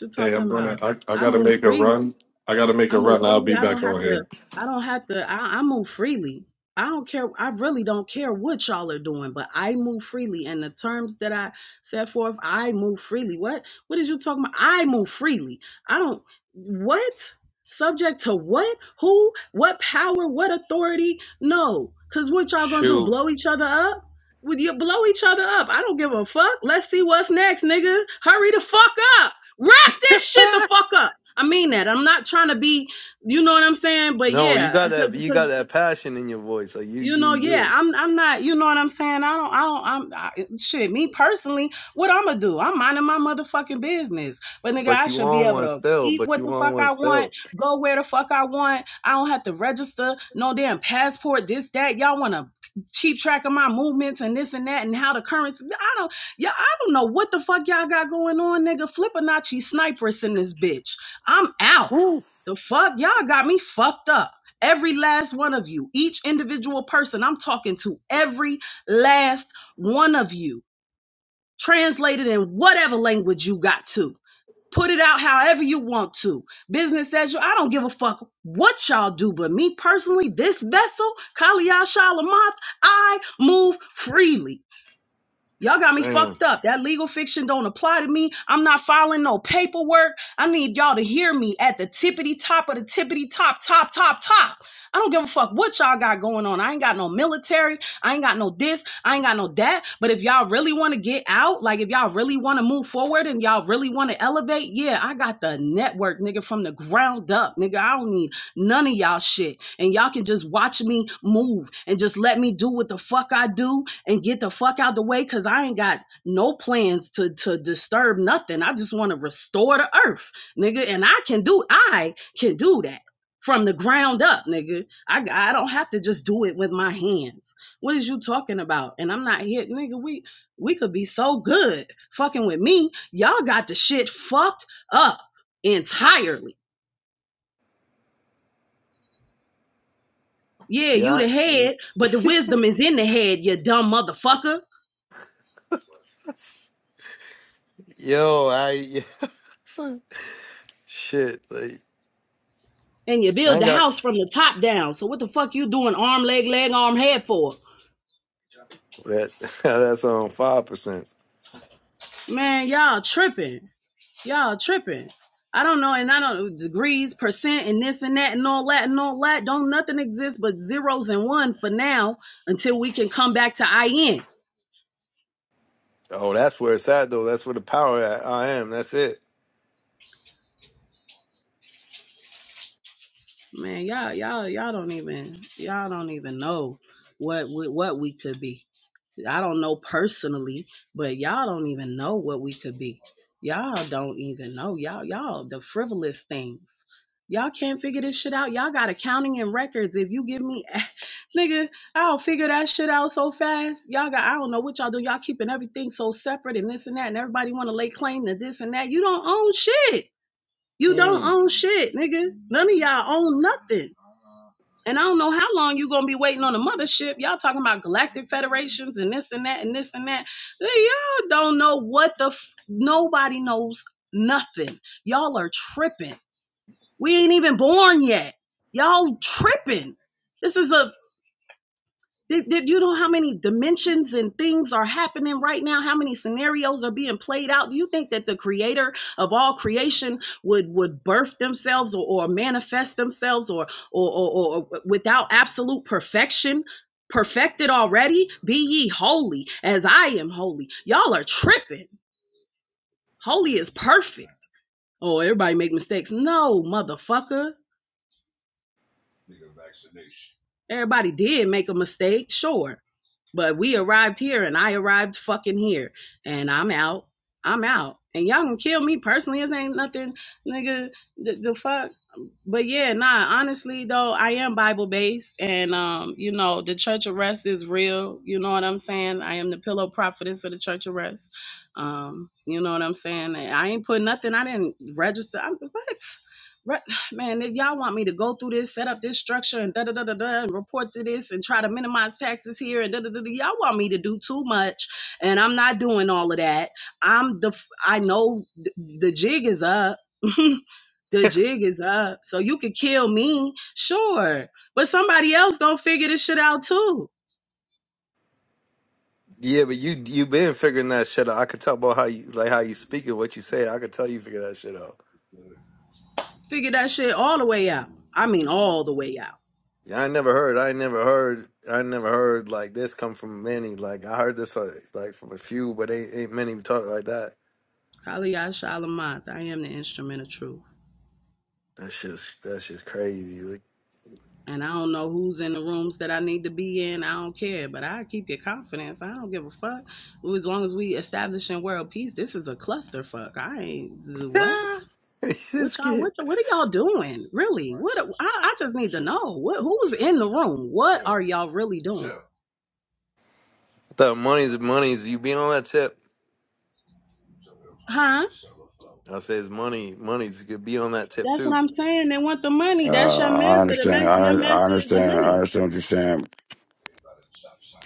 [SPEAKER 3] you
[SPEAKER 1] Hey, I'm
[SPEAKER 3] talking
[SPEAKER 1] gonna.
[SPEAKER 3] about?
[SPEAKER 1] I, I
[SPEAKER 3] I
[SPEAKER 1] gotta
[SPEAKER 3] move
[SPEAKER 1] make a
[SPEAKER 3] freely.
[SPEAKER 1] run. I gotta make
[SPEAKER 3] I
[SPEAKER 1] a
[SPEAKER 3] move
[SPEAKER 1] run. I'll
[SPEAKER 3] freely.
[SPEAKER 1] be
[SPEAKER 3] I
[SPEAKER 1] back
[SPEAKER 3] don't
[SPEAKER 1] on
[SPEAKER 3] have
[SPEAKER 1] here.
[SPEAKER 3] to. I don't have to. I, I move freely. I don't care. I really don't care what y'all are doing, but I move freely. And the terms that I set forth, I move freely. What? What is you talking about? I move freely. I don't. What? Subject to what? Who? What power? What authority? No. Cause what y'all gonna do?
[SPEAKER 4] Shoot.
[SPEAKER 3] Blow each other up? Would you blow each other up? I don't give a fuck. Let's see what's next, nigga. Hurry the fuck up. Wrap this shit the fuck up. I mean that. I'm not trying to be, you know what I'm saying? But
[SPEAKER 4] No, you
[SPEAKER 3] yeah,
[SPEAKER 4] got that. You
[SPEAKER 3] because
[SPEAKER 4] got that passion in your voice. Like you
[SPEAKER 3] you know
[SPEAKER 4] you.
[SPEAKER 3] yeah
[SPEAKER 4] you.
[SPEAKER 3] i'm i'm not you know what i'm saying i don't i don't i'm I, shit me personally what i'm gonna do i'm minding my motherfucking business but nigga
[SPEAKER 4] But
[SPEAKER 3] i
[SPEAKER 4] you
[SPEAKER 3] should be
[SPEAKER 4] on
[SPEAKER 3] able
[SPEAKER 4] one
[SPEAKER 3] to
[SPEAKER 4] still.
[SPEAKER 3] eat
[SPEAKER 4] But
[SPEAKER 3] what
[SPEAKER 4] you
[SPEAKER 3] the
[SPEAKER 4] on
[SPEAKER 3] fuck
[SPEAKER 4] one
[SPEAKER 3] i want
[SPEAKER 4] still.
[SPEAKER 3] go where the fuck i want i don't have to register no damn passport this that y'all want to keep track of my movements and this and that and how the currency i don't yeah i don't know what the fuck y'all got going on nigga flippanacci snipers in this bitch i'm out
[SPEAKER 4] Whew.
[SPEAKER 3] the fuck y'all got me fucked up Every last one of you, each individual person, I'm talking to every last one of you, translated in whatever language you got to. Put it out however you want to. Business as you, I don't give a fuck what y'all do, but me personally, this vessel, Kaliyah Shalamoth, I move freely. Y'all got me
[SPEAKER 4] Damn.
[SPEAKER 3] fucked up. That legal fiction don't apply to me. I'm not filing no paperwork. I need y'all to hear me at the tippity top of the tippity top, top, top, top. I don't give a fuck what y'all got going on. I ain't got no military. I ain't got no this. I ain't got no that. But if y'all really want to get out, like if y'all really want to move forward and y'all really want to elevate, yeah, I got the network, nigga, from the ground up, nigga. I don't need none of y'all shit. And y'all can just watch me move and just let me do what the fuck I do and get the fuck out the way because I ain't got no plans to to disturb nothing. I just want to restore the earth, nigga. And I can do I can do that from the ground up, nigga. I I don't have to just do it with my hands. What is you talking about? And I'm not here, nigga. We we could be so good fucking with me. Y'all got the shit fucked up entirely. Yeah, you
[SPEAKER 4] Yeah.
[SPEAKER 3] the head, but the wisdom is in the head, you dumb motherfucker.
[SPEAKER 4] Yo, I. Shit. Like
[SPEAKER 3] And you
[SPEAKER 4] I
[SPEAKER 3] build
[SPEAKER 4] ain't
[SPEAKER 3] the
[SPEAKER 4] got.
[SPEAKER 3] house from the top down. So what the fuck you doing arm, leg, leg, arm, head for?
[SPEAKER 4] That that's on five percent.
[SPEAKER 3] Man, y'all tripping. Y'all tripping. I don't know, and I don't degrees, percent, and this and that and all that and all that. Don't nothing exist but zeros and one for now until we can come back to IN.
[SPEAKER 4] Oh, that's where it's at though. That's where the power at. I am. That's it.
[SPEAKER 3] Man, y'all, y'all, y'all don't even y'all don't even know what we, what we could be. I don't know personally, but y'all don't even know what we could be. Y'all don't even know. Y'all, y'all, the frivolous things. Y'all can't figure this shit out. Y'all got accounting and records. If you give me, nigga, I'll figure that shit out so fast. Y'all got, I don't know what y'all do. Y'all keeping everything so separate and this and that, and everybody want to lay claim to this and that. You don't own shit. You don't
[SPEAKER 4] Mm.
[SPEAKER 3] own shit, nigga. None of y'all own nothing. And I don't know how long you're gonna be waiting on the mothership. Y'all talking about galactic federations and this and that and this and that. Hey, Y'all don't know what the f- nobody knows nothing. Y'all are tripping. We ain't even born yet. Y'all tripping. This is a did, did you know how many dimensions and things are happening right now? How many scenarios are being played out? Do you think that the creator of all creation would would birth themselves or, or manifest themselves or or, or or without absolute perfection? Perfected already? Be ye holy as I am holy. Y'all are tripping. Holy is perfect. Oh, everybody make mistakes. No, motherfucker. Everybody did make a mistake, sure. But we arrived here and I arrived fucking here. And I'm out. I'm out. And y'all gonna kill me personally. It ain't nothing, nigga. The, the fuck. But yeah, nah, honestly though, I am Bible based and um, you know, the church arrest is real. You know what I'm saying? I am the pillow prophetess of the church arrest. Um, you know what I'm saying? And I ain't put nothing, I didn't register. I'm what? Man, if y'all want me to go through this, set up this structure, and da da da da da, and report to this, and try to minimize taxes here, and da da da da. Y'all want me to do too much, and I'm not doing all of that. I'm the, I know th- the jig is up. the jig is up. So you could kill me, sure, but somebody else gonna figure this shit out too.
[SPEAKER 4] Yeah, but you you been figuring that shit out. I could tell about how you like how you speak and what you say. I could tell you figure that shit out.
[SPEAKER 3] Figure that shit all the way out. I mean, all the way out.
[SPEAKER 4] Yeah, I never heard. I never heard. I never heard like this come from many. Like I heard this uh, like from a few, but ain't ain't many talk like that.
[SPEAKER 3] Kaliyah Shalamant, I am the instrument of truth.
[SPEAKER 4] That's just that's just crazy. Like
[SPEAKER 3] And I don't know who's in the rooms that I need to be in. I don't care, but I keep your confidence. I don't give a fuck. As long as we establishing world peace, this is a clusterfuck. I ain't what?
[SPEAKER 4] ah, it's
[SPEAKER 3] What
[SPEAKER 4] just
[SPEAKER 3] y'all?
[SPEAKER 4] kid.
[SPEAKER 3] What what are y'all doing? Really? What? I, I just need to know. What? Who's in the room? What are y'all really doing?
[SPEAKER 4] The money's money's. You be on that tip.
[SPEAKER 3] Huh?
[SPEAKER 4] I say it's money. Money's could be on that tip
[SPEAKER 3] That's what
[SPEAKER 4] too.
[SPEAKER 3] I'm saying. They want the money.
[SPEAKER 2] Uh,
[SPEAKER 3] That's your
[SPEAKER 2] I
[SPEAKER 3] master. The
[SPEAKER 2] understand.
[SPEAKER 3] master.
[SPEAKER 2] I,
[SPEAKER 3] Your
[SPEAKER 2] I
[SPEAKER 3] master is the
[SPEAKER 2] understand. I
[SPEAKER 3] money.
[SPEAKER 2] understand what you're saying.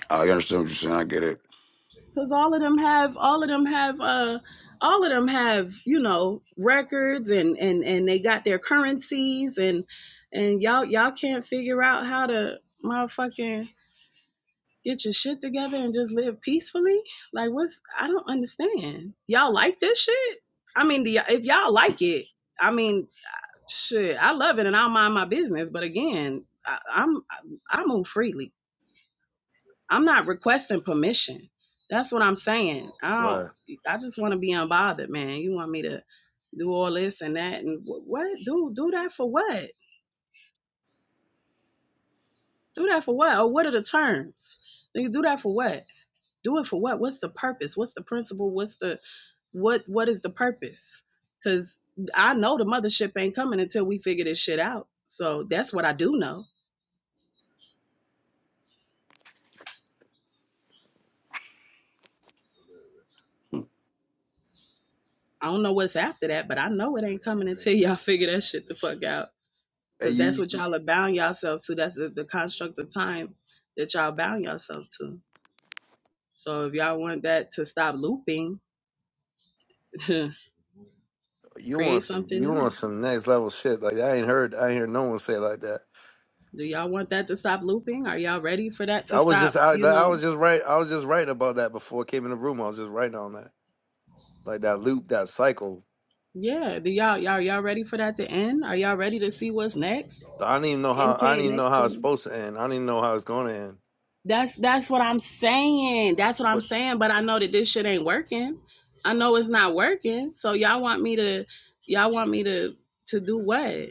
[SPEAKER 2] I understand what you're saying. I get it.
[SPEAKER 3] Cause all of them have, all of them have, uh, all of them have, you know, records and and and they got their currencies and and y'all y'all can't figure out how to motherfucking get your shit together and just live peacefully. Like, what's I don't understand. Y'all like this shit? I mean, do y'all, if y'all like it, I mean, shit, I love it and I'll mind my business. But again, I, I'm I move freely. I'm not requesting permission. That's what I'm saying. I don't.
[SPEAKER 4] Right.
[SPEAKER 3] I just want to be unbothered, man. You want me to do all this and that and wh- what? Do do that for what? Do that for what? Or what are the terms? You do that for what? Do it for what? What's the purpose? What's the principle? What's the what? What is the purpose? Because I know the mothership ain't coming until we figure this shit out. So that's what I do know. I don't know what's after that, but I know it ain't coming until y'all figure that shit the fuck out.
[SPEAKER 4] Hey,
[SPEAKER 3] because that's
[SPEAKER 4] you
[SPEAKER 3] what y'all are bound yourselves to. That's the, the construct of time that y'all bound yourself to. So if y'all want that to stop looping,
[SPEAKER 4] you want
[SPEAKER 3] create
[SPEAKER 4] some
[SPEAKER 3] something
[SPEAKER 4] you
[SPEAKER 3] new.
[SPEAKER 4] want some next level shit like I ain't heard I ain't heard no one say it like that.
[SPEAKER 3] Do y'all want that to stop looping? Are y'all ready for that to
[SPEAKER 4] I was just
[SPEAKER 3] stop?
[SPEAKER 4] I
[SPEAKER 3] You
[SPEAKER 4] I was
[SPEAKER 3] know,
[SPEAKER 4] just right I was just writing about that before I came in the room. I was just writing on that like that loop that cycle.
[SPEAKER 3] yeah. Do y'all y'all y'all ready for that to end? Are y'all ready to see what's next?
[SPEAKER 4] I don't even know how
[SPEAKER 3] NK
[SPEAKER 4] I don't even know how
[SPEAKER 3] next.
[SPEAKER 4] it's supposed to end. I don't even know how it's going to end.
[SPEAKER 3] That's that's what I'm saying. That's what I'm
[SPEAKER 4] But
[SPEAKER 3] saying. But I know that this shit ain't working. I know it's not working. So y'all want me to y'all want me to to do what?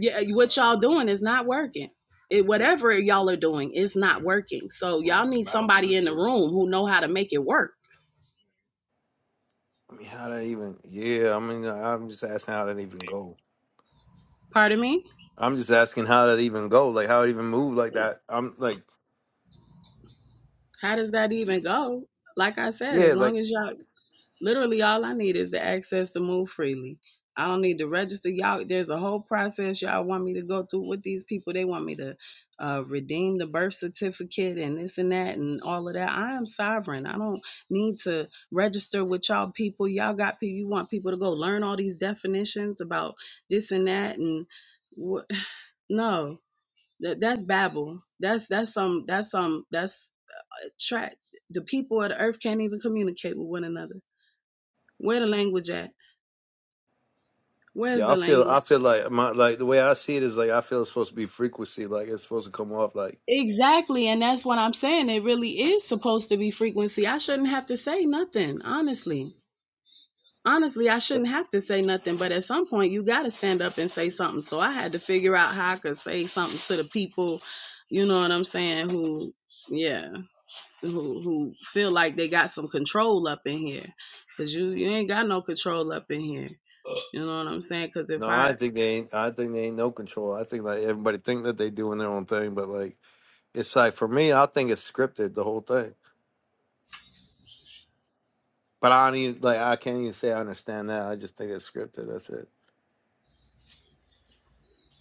[SPEAKER 3] Yeah, what y'all doing is not working. It, whatever y'all are doing is not working. So y'all need somebody in the room who know how to make it work.
[SPEAKER 4] I mean, how that even? Yeah, I mean, I'm just asking how that even go.
[SPEAKER 3] Pardon me?
[SPEAKER 4] I'm just asking how that even go. Like how it even move like that. I'm like,
[SPEAKER 3] How does that even go? Like I said, as
[SPEAKER 4] yeah,
[SPEAKER 3] long
[SPEAKER 4] like
[SPEAKER 3] as y'all Literally, all I need is the access to move freely. I don't need to register. Y'all, there's a whole process y'all want me to go through with these people. They want me to uh, redeem the birth certificate and this and that and all of that. I am sovereign. I don't need to register with y'all people. Y'all got people. You want people to go learn all these definitions about this and that and wh- no. That, that's babble. That's that's some that's some that's uh, track. The people of the earth can't even communicate with one another. Where the language at? Where's
[SPEAKER 4] yeah.
[SPEAKER 3] the
[SPEAKER 4] I feel I
[SPEAKER 3] language?
[SPEAKER 4] feel like my like the way I see it is like I feel it's supposed to be frequency. Like it's supposed to come off like.
[SPEAKER 3] Exactly, and that's what I'm saying. It really is supposed to be frequency. I shouldn't have to say nothing, honestly. Honestly, I shouldn't have to say nothing, but at some point you got to stand up and say something. So I had to figure out how I could say something to the people, you know what I'm saying, who yeah, who who feel like they got some control up in here. Cuz you you ain't got no control up in here. You know what I'm saying? Cuz if
[SPEAKER 4] No,
[SPEAKER 3] I
[SPEAKER 4] I think they ain't. I think they ain't no control. I think like everybody think that they doing their own thing, but like it's like for me, I think it's scripted the whole thing. But I don't even like. I can't even say I understand that. I just think it's scripted. That's it.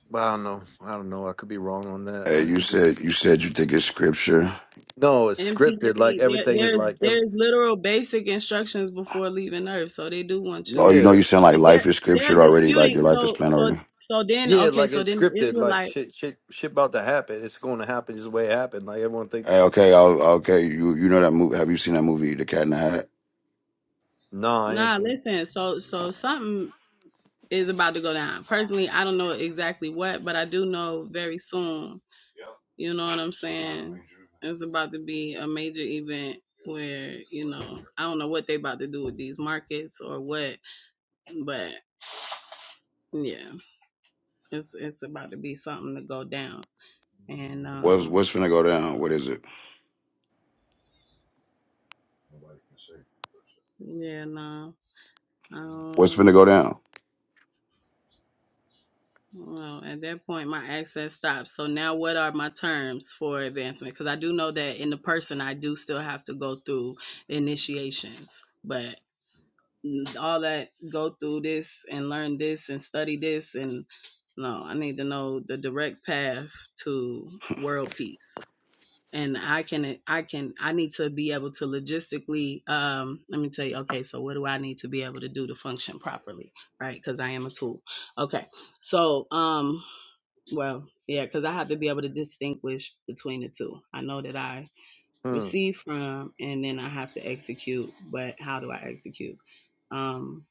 [SPEAKER 4] But I don't know. I don't know. I could be wrong on that.
[SPEAKER 2] Hey,
[SPEAKER 4] I
[SPEAKER 2] you
[SPEAKER 4] could be.
[SPEAKER 2] said you said you think it's scripture.
[SPEAKER 4] No, it's scripted. Like
[SPEAKER 3] NPC, there
[SPEAKER 4] everything is
[SPEAKER 3] there's
[SPEAKER 4] like every.
[SPEAKER 3] there's literal basic instructions before leaving Earth, so they do want you
[SPEAKER 2] Oh, you know
[SPEAKER 3] to.
[SPEAKER 4] Yeah,
[SPEAKER 2] you sound like
[SPEAKER 3] But they're
[SPEAKER 2] life is
[SPEAKER 3] they're
[SPEAKER 2] scripture already. Like your
[SPEAKER 3] disputing.
[SPEAKER 2] life is
[SPEAKER 3] So
[SPEAKER 2] planned
[SPEAKER 3] so
[SPEAKER 2] already.
[SPEAKER 3] so then
[SPEAKER 4] yeah.
[SPEAKER 3] okay,
[SPEAKER 4] Like
[SPEAKER 3] so
[SPEAKER 4] it's
[SPEAKER 3] then the
[SPEAKER 4] scripted. Like
[SPEAKER 3] Israelite.
[SPEAKER 4] shit, shit, shit about to happen. It's going to happen just the way it happened. Like everyone think.
[SPEAKER 2] Hey, okay, I'll, okay. You you know that movie? Have you seen that movie, The Cat in the Hat?
[SPEAKER 4] Nah, I ain't
[SPEAKER 3] Nah,
[SPEAKER 4] seen. It.
[SPEAKER 3] listen. So so something is about to go down. Personally, I don't know exactly what, but I do know very soon. You know what I'm saying? It's about to be a major event where you know I don't know what they about to do with these markets or what, but yeah, it's it's about to be something to go down. And
[SPEAKER 2] What's
[SPEAKER 3] um,
[SPEAKER 2] what's finna go down? What is it?
[SPEAKER 3] yeah, no,
[SPEAKER 2] What's finna go
[SPEAKER 3] um,
[SPEAKER 2] down?
[SPEAKER 3] well, at that point, my access stops. So now, what are my terms for advancement? Because I do know that in the person, I do still have to go through initiations, but all that go through this and learn this and study this and no, I need to know the direct path to world peace. and I can I can I need to be able to logistically um let me tell you okay so what do I need to be able to do to function properly right cuz I am a tool okay so um well yeah cuz I have to be able to distinguish between the two I know that I
[SPEAKER 4] Hmm.
[SPEAKER 3] receive from and then I have to execute but how do I execute um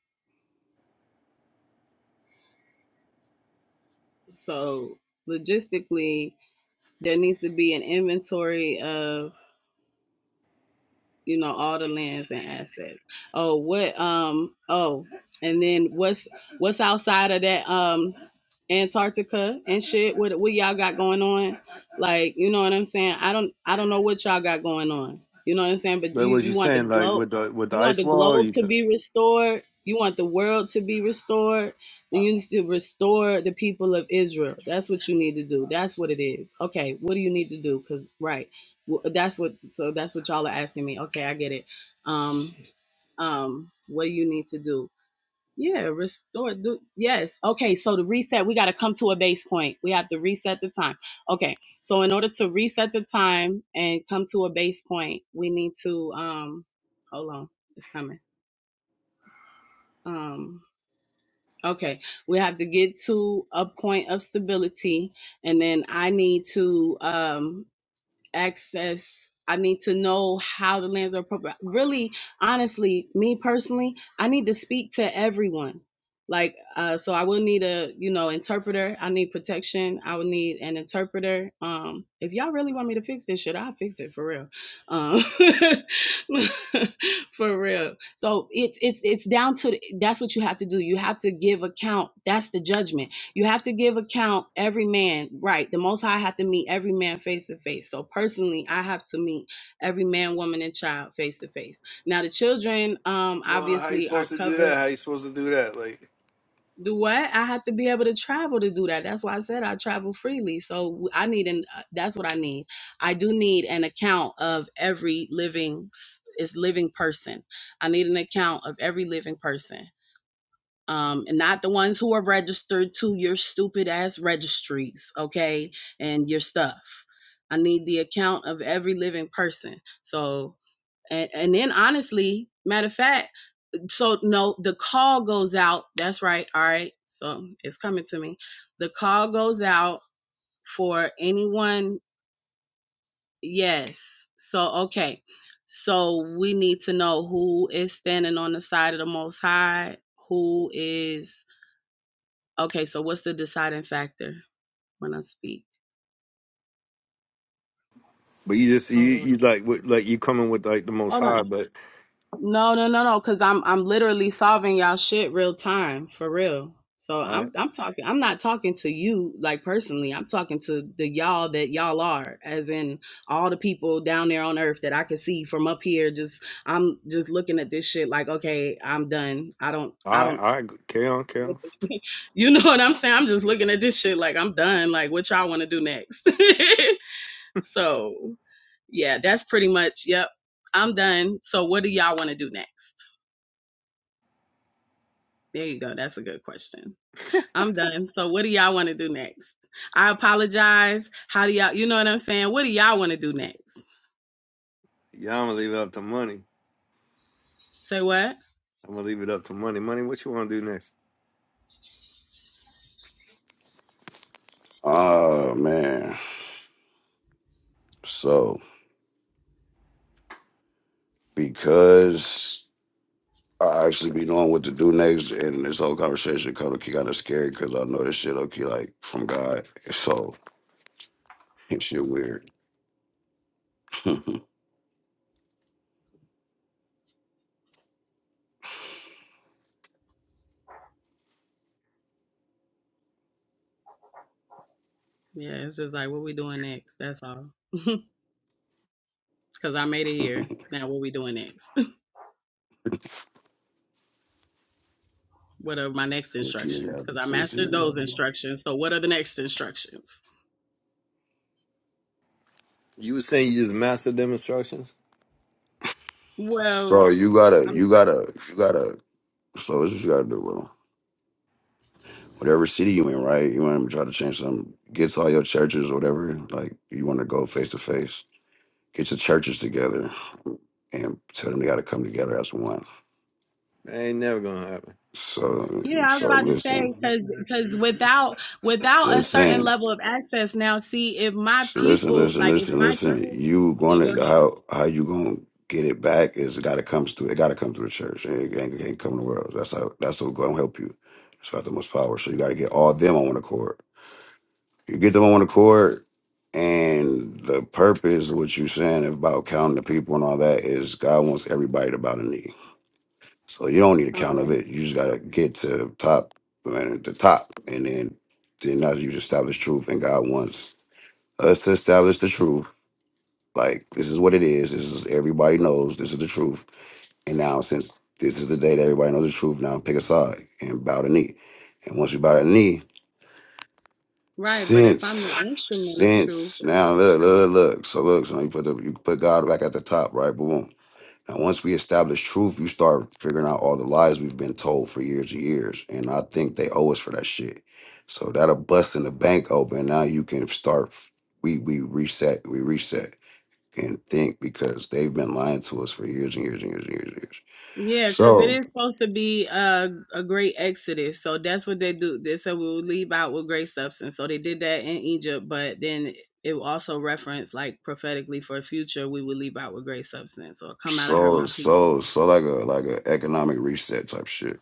[SPEAKER 3] so logistically there needs to be an inventory of. you know all the lands and assets oh what um oh and then what's what's outside of that um antarctica and shit what what y'all got going on like you know what i'm saying i don't i don't know what y'all got going on you know what i'm saying but
[SPEAKER 4] Like
[SPEAKER 3] you
[SPEAKER 4] what
[SPEAKER 3] you
[SPEAKER 4] you
[SPEAKER 3] want the
[SPEAKER 4] saying? Like
[SPEAKER 3] globe
[SPEAKER 4] with the with the
[SPEAKER 3] you want
[SPEAKER 4] ice
[SPEAKER 3] the
[SPEAKER 4] wall,
[SPEAKER 3] globe
[SPEAKER 4] you.
[SPEAKER 3] to
[SPEAKER 4] took.
[SPEAKER 3] be restored you want the world to be restored and you need to restore the people of israel that's what you need to do that's what it is okay what do you need to do because right well, that's what so that's what y'all are asking me okay i get it um um what do you need to do yeah restore do yes okay so to reset we got to come to a base point we have to reset the time okay so in order to reset the time and come to a base point we need to um hold on it's coming um okay we have to get to a point of stability and then i need to um access. I need to know how the lands are appropriate. Really, honestly, me personally, I need to speak to everyone. Like, uh, so I will need a, you know, interpreter. I need protection. I will need an interpreter. Um, if y'all really want me to fix this shit, I'll fix it for real. Um, for real. So it's it's it's down to that's what you have to do. You have to give account. That's the judgment you have to give account every man, right? The Most High have to meet every man face to face. So personally, I have to meet every man, woman, and child face to face. Now the children, um,
[SPEAKER 4] Well, how you
[SPEAKER 3] obviously are
[SPEAKER 4] supposed to do
[SPEAKER 3] covered.
[SPEAKER 4] that? How you supposed to do that? Like,
[SPEAKER 3] Do what? I have to be able to travel to do that. That's why I said I travel freely. So I need an. uh, That's what I need. I do need an account of every living s- is living person. I need an account of every living person um, and not the ones who are registered to your stupid ass registries, okay, and your stuff. I need the account of every living person. So, and, and then honestly, matter of fact, so no, the call goes out. That's right. All right. So it's coming to me. The call goes out for anyone. Yes. So, okay. So we need to know who is standing on the side of the Most High, who is Okay, so what's the deciding factor when I speak?
[SPEAKER 4] But you just you
[SPEAKER 3] Hold on.
[SPEAKER 4] you like with- like you coming with like the most
[SPEAKER 3] Hold
[SPEAKER 4] high.
[SPEAKER 3] on.
[SPEAKER 4] But
[SPEAKER 3] No, no, no, no, because I'm I'm literally solving y'all shit real time, for real. So
[SPEAKER 4] all
[SPEAKER 3] I'm
[SPEAKER 4] right,
[SPEAKER 3] I'm talking I'm not talking to you like personally. I'm talking to the y'all that y'all are, as in all the people down there on earth that I can see from up here. Just I'm just looking at this shit like, okay, I'm done. I don't
[SPEAKER 4] all
[SPEAKER 3] I
[SPEAKER 4] right,
[SPEAKER 3] don't
[SPEAKER 4] all right. Carry on, carry
[SPEAKER 3] what
[SPEAKER 4] on.
[SPEAKER 3] the, you know what I'm saying? I'm just looking at this shit like I'm done. Like what y'all wanna do next? So yeah, that's pretty much. Yep, I'm done. So what do y'all want to do next? There you go. That's a good question. I'm done. So what do y'all want to do next? I apologize. How do y'all? You know what I'm saying? What do y'all want to do next?
[SPEAKER 4] Yeah, I'm gonna leave it up to money.
[SPEAKER 3] Say what?
[SPEAKER 4] I'm gonna leave it up to money. Money, what you want to do next?
[SPEAKER 2] Oh man. So because I actually be knowing what to do next, and this whole conversation kind of kind of scary because I know this shit okay, like from God. So it's shit weird.
[SPEAKER 3] Yeah, it's just like what we doing next. That's all. Because I made it here.
[SPEAKER 2] Which
[SPEAKER 3] Now what we doing next? what are my next
[SPEAKER 2] nigga
[SPEAKER 3] instructions?
[SPEAKER 2] have
[SPEAKER 3] Because
[SPEAKER 2] a
[SPEAKER 3] I
[SPEAKER 2] sense of
[SPEAKER 3] mastered
[SPEAKER 2] humor.
[SPEAKER 3] those instructions. So what are the next instructions?
[SPEAKER 4] You was saying you just mastered them instructions.
[SPEAKER 3] Well,
[SPEAKER 2] So you gotta,
[SPEAKER 3] I'm.
[SPEAKER 2] you gotta, you gotta. So this is what you gotta do, bro. Whatever city you in, right? You want to try to change something. Get to all your churches or whatever. Like you want to go face to face. Get your churches together and tell them they got to come together as one.
[SPEAKER 4] That ain't never gonna happen.
[SPEAKER 2] So,
[SPEAKER 3] Yeah, I was
[SPEAKER 2] so
[SPEAKER 3] about to
[SPEAKER 2] listen,
[SPEAKER 3] say because because without without a certain
[SPEAKER 2] listen.
[SPEAKER 3] level of access now, see if my
[SPEAKER 2] Listen,
[SPEAKER 3] people
[SPEAKER 2] listen,
[SPEAKER 3] like if
[SPEAKER 2] listen,
[SPEAKER 3] my
[SPEAKER 2] listen.
[SPEAKER 3] people,
[SPEAKER 2] You
[SPEAKER 3] yeah, go
[SPEAKER 2] going to
[SPEAKER 3] ahead.
[SPEAKER 2] how how you gonna get it back is got to comes through. It got to come through the church. It ain't, it ain't come to the world. That's how that's what's gonna help you. That's got the most power. So you got to get all them on one accord. You get them on one accord, and the purpose of what you're saying about counting the people and all that is God wants everybody to bow the knee. So you don't need a count of
[SPEAKER 3] Okay,
[SPEAKER 2] it. You just got to get to the top and the top, and then then now you establish truth, and God wants us to establish the truth like this is what it is. This is everybody knows. This is the truth. And now since this is the day that everybody knows the truth, now pick a side and bow the knee. And once you bow the knee,
[SPEAKER 3] right, but if I'm
[SPEAKER 2] since
[SPEAKER 3] the instrument of truth,
[SPEAKER 2] since now look look look so look so you put the, you put God back at the top right boom. Now once we establish truth, you start figuring out all the lies we've been told for years and years, and I think they owe us for that shit. So that'll bust in the bank open. Now you can start. We we reset. We reset and think because they've been lying to us for years and years and years and years and years.
[SPEAKER 3] yeah, because it
[SPEAKER 2] So
[SPEAKER 3] is supposed to be a a great exodus, so that's what they do. They said we will leave out with great substance, so they did that in Egypt, but then it also referenced like prophetically for the future, we will leave out with great substance, or come out of her,
[SPEAKER 2] so
[SPEAKER 3] my people.
[SPEAKER 2] so so like a like a economic reset type shit.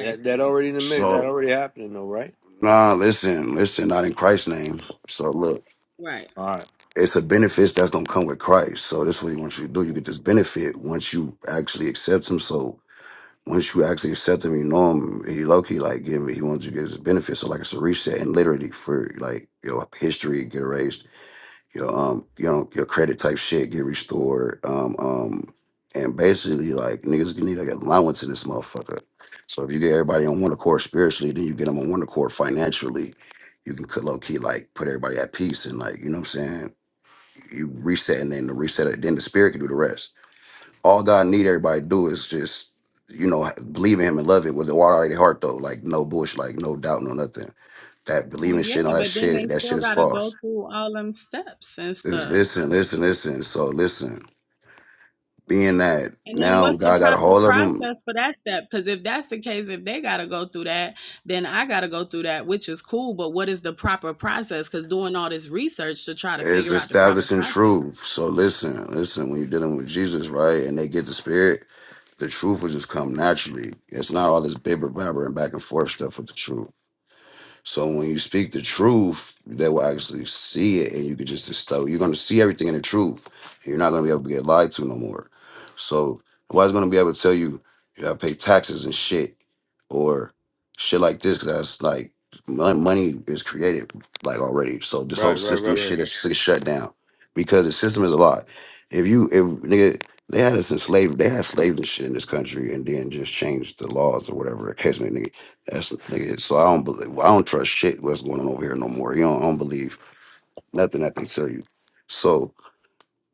[SPEAKER 4] That that already in the mix. That
[SPEAKER 2] So
[SPEAKER 4] already happening though, right?
[SPEAKER 2] nah, listen, listen, not in Christ's name. So look,
[SPEAKER 3] Right.
[SPEAKER 4] All right,
[SPEAKER 2] it's a benefits that's gonna come with Christ. So this is what he wants you to do. You get this benefit once you actually accept him. So once you actually accept him, you know him. He low key like give me. He wants you to get his benefit. So like it's a reset and literally for like your history get erased your um you know your credit type shit get restored. Um um and basically like niggas gonna need like allowance in this motherfucker. So if you get everybody on one accord spiritually, then you get them on one accord financially. You can low key like put everybody at peace and like you know what I'm saying. You reset and then the reset it. Then the spirit can do the rest. All God need everybody to do is just you know believe in Him and love Him with the water out of their heart though. Like no bush, like no doubt, no nothing. That
[SPEAKER 3] Well,
[SPEAKER 2] believing shit, all
[SPEAKER 3] yeah,
[SPEAKER 2] that
[SPEAKER 3] but then they
[SPEAKER 2] shit, that shit
[SPEAKER 3] still
[SPEAKER 2] is
[SPEAKER 3] got to go
[SPEAKER 2] false.
[SPEAKER 3] through all them steps and stuff.
[SPEAKER 2] Listen, listen, listen. So listen, being that
[SPEAKER 3] And then
[SPEAKER 2] now
[SPEAKER 3] what's the
[SPEAKER 2] God got a
[SPEAKER 3] proper
[SPEAKER 2] hold of them,
[SPEAKER 3] process for that step? Because if that's the case, if they got to go through that, then I got to go through that, which is cool. But what is the proper process? Because doing all this research to try to
[SPEAKER 2] is
[SPEAKER 3] figure out the proper
[SPEAKER 2] establishing
[SPEAKER 3] process.
[SPEAKER 2] truth. So listen, listen, when you're dealing with Jesus, right, and they get the spirit, the truth will just come naturally. It's not all this bibber babbering back and forth stuff with the truth. So when you speak the truth, they will actually see it, and you can just distill. You're going to see everything in the truth. you're not going to be able to get lied to no more. So nobody's going to be able to tell you you got to pay taxes and shit or shit like this because that's like mon- money is created like already. So this
[SPEAKER 4] right,
[SPEAKER 2] whole
[SPEAKER 4] right,
[SPEAKER 2] system
[SPEAKER 4] right. Yeah,
[SPEAKER 2] shit is is shut down because the system is a lie. If you if nigga they had us enslaved, they had slaves and shit in this country, and then just changed the laws or whatever the case may be. That's the thing. So I don't believe. well, I don't trust shit. What's going on over here no more? You know, I don't believe nothing that they tell you. So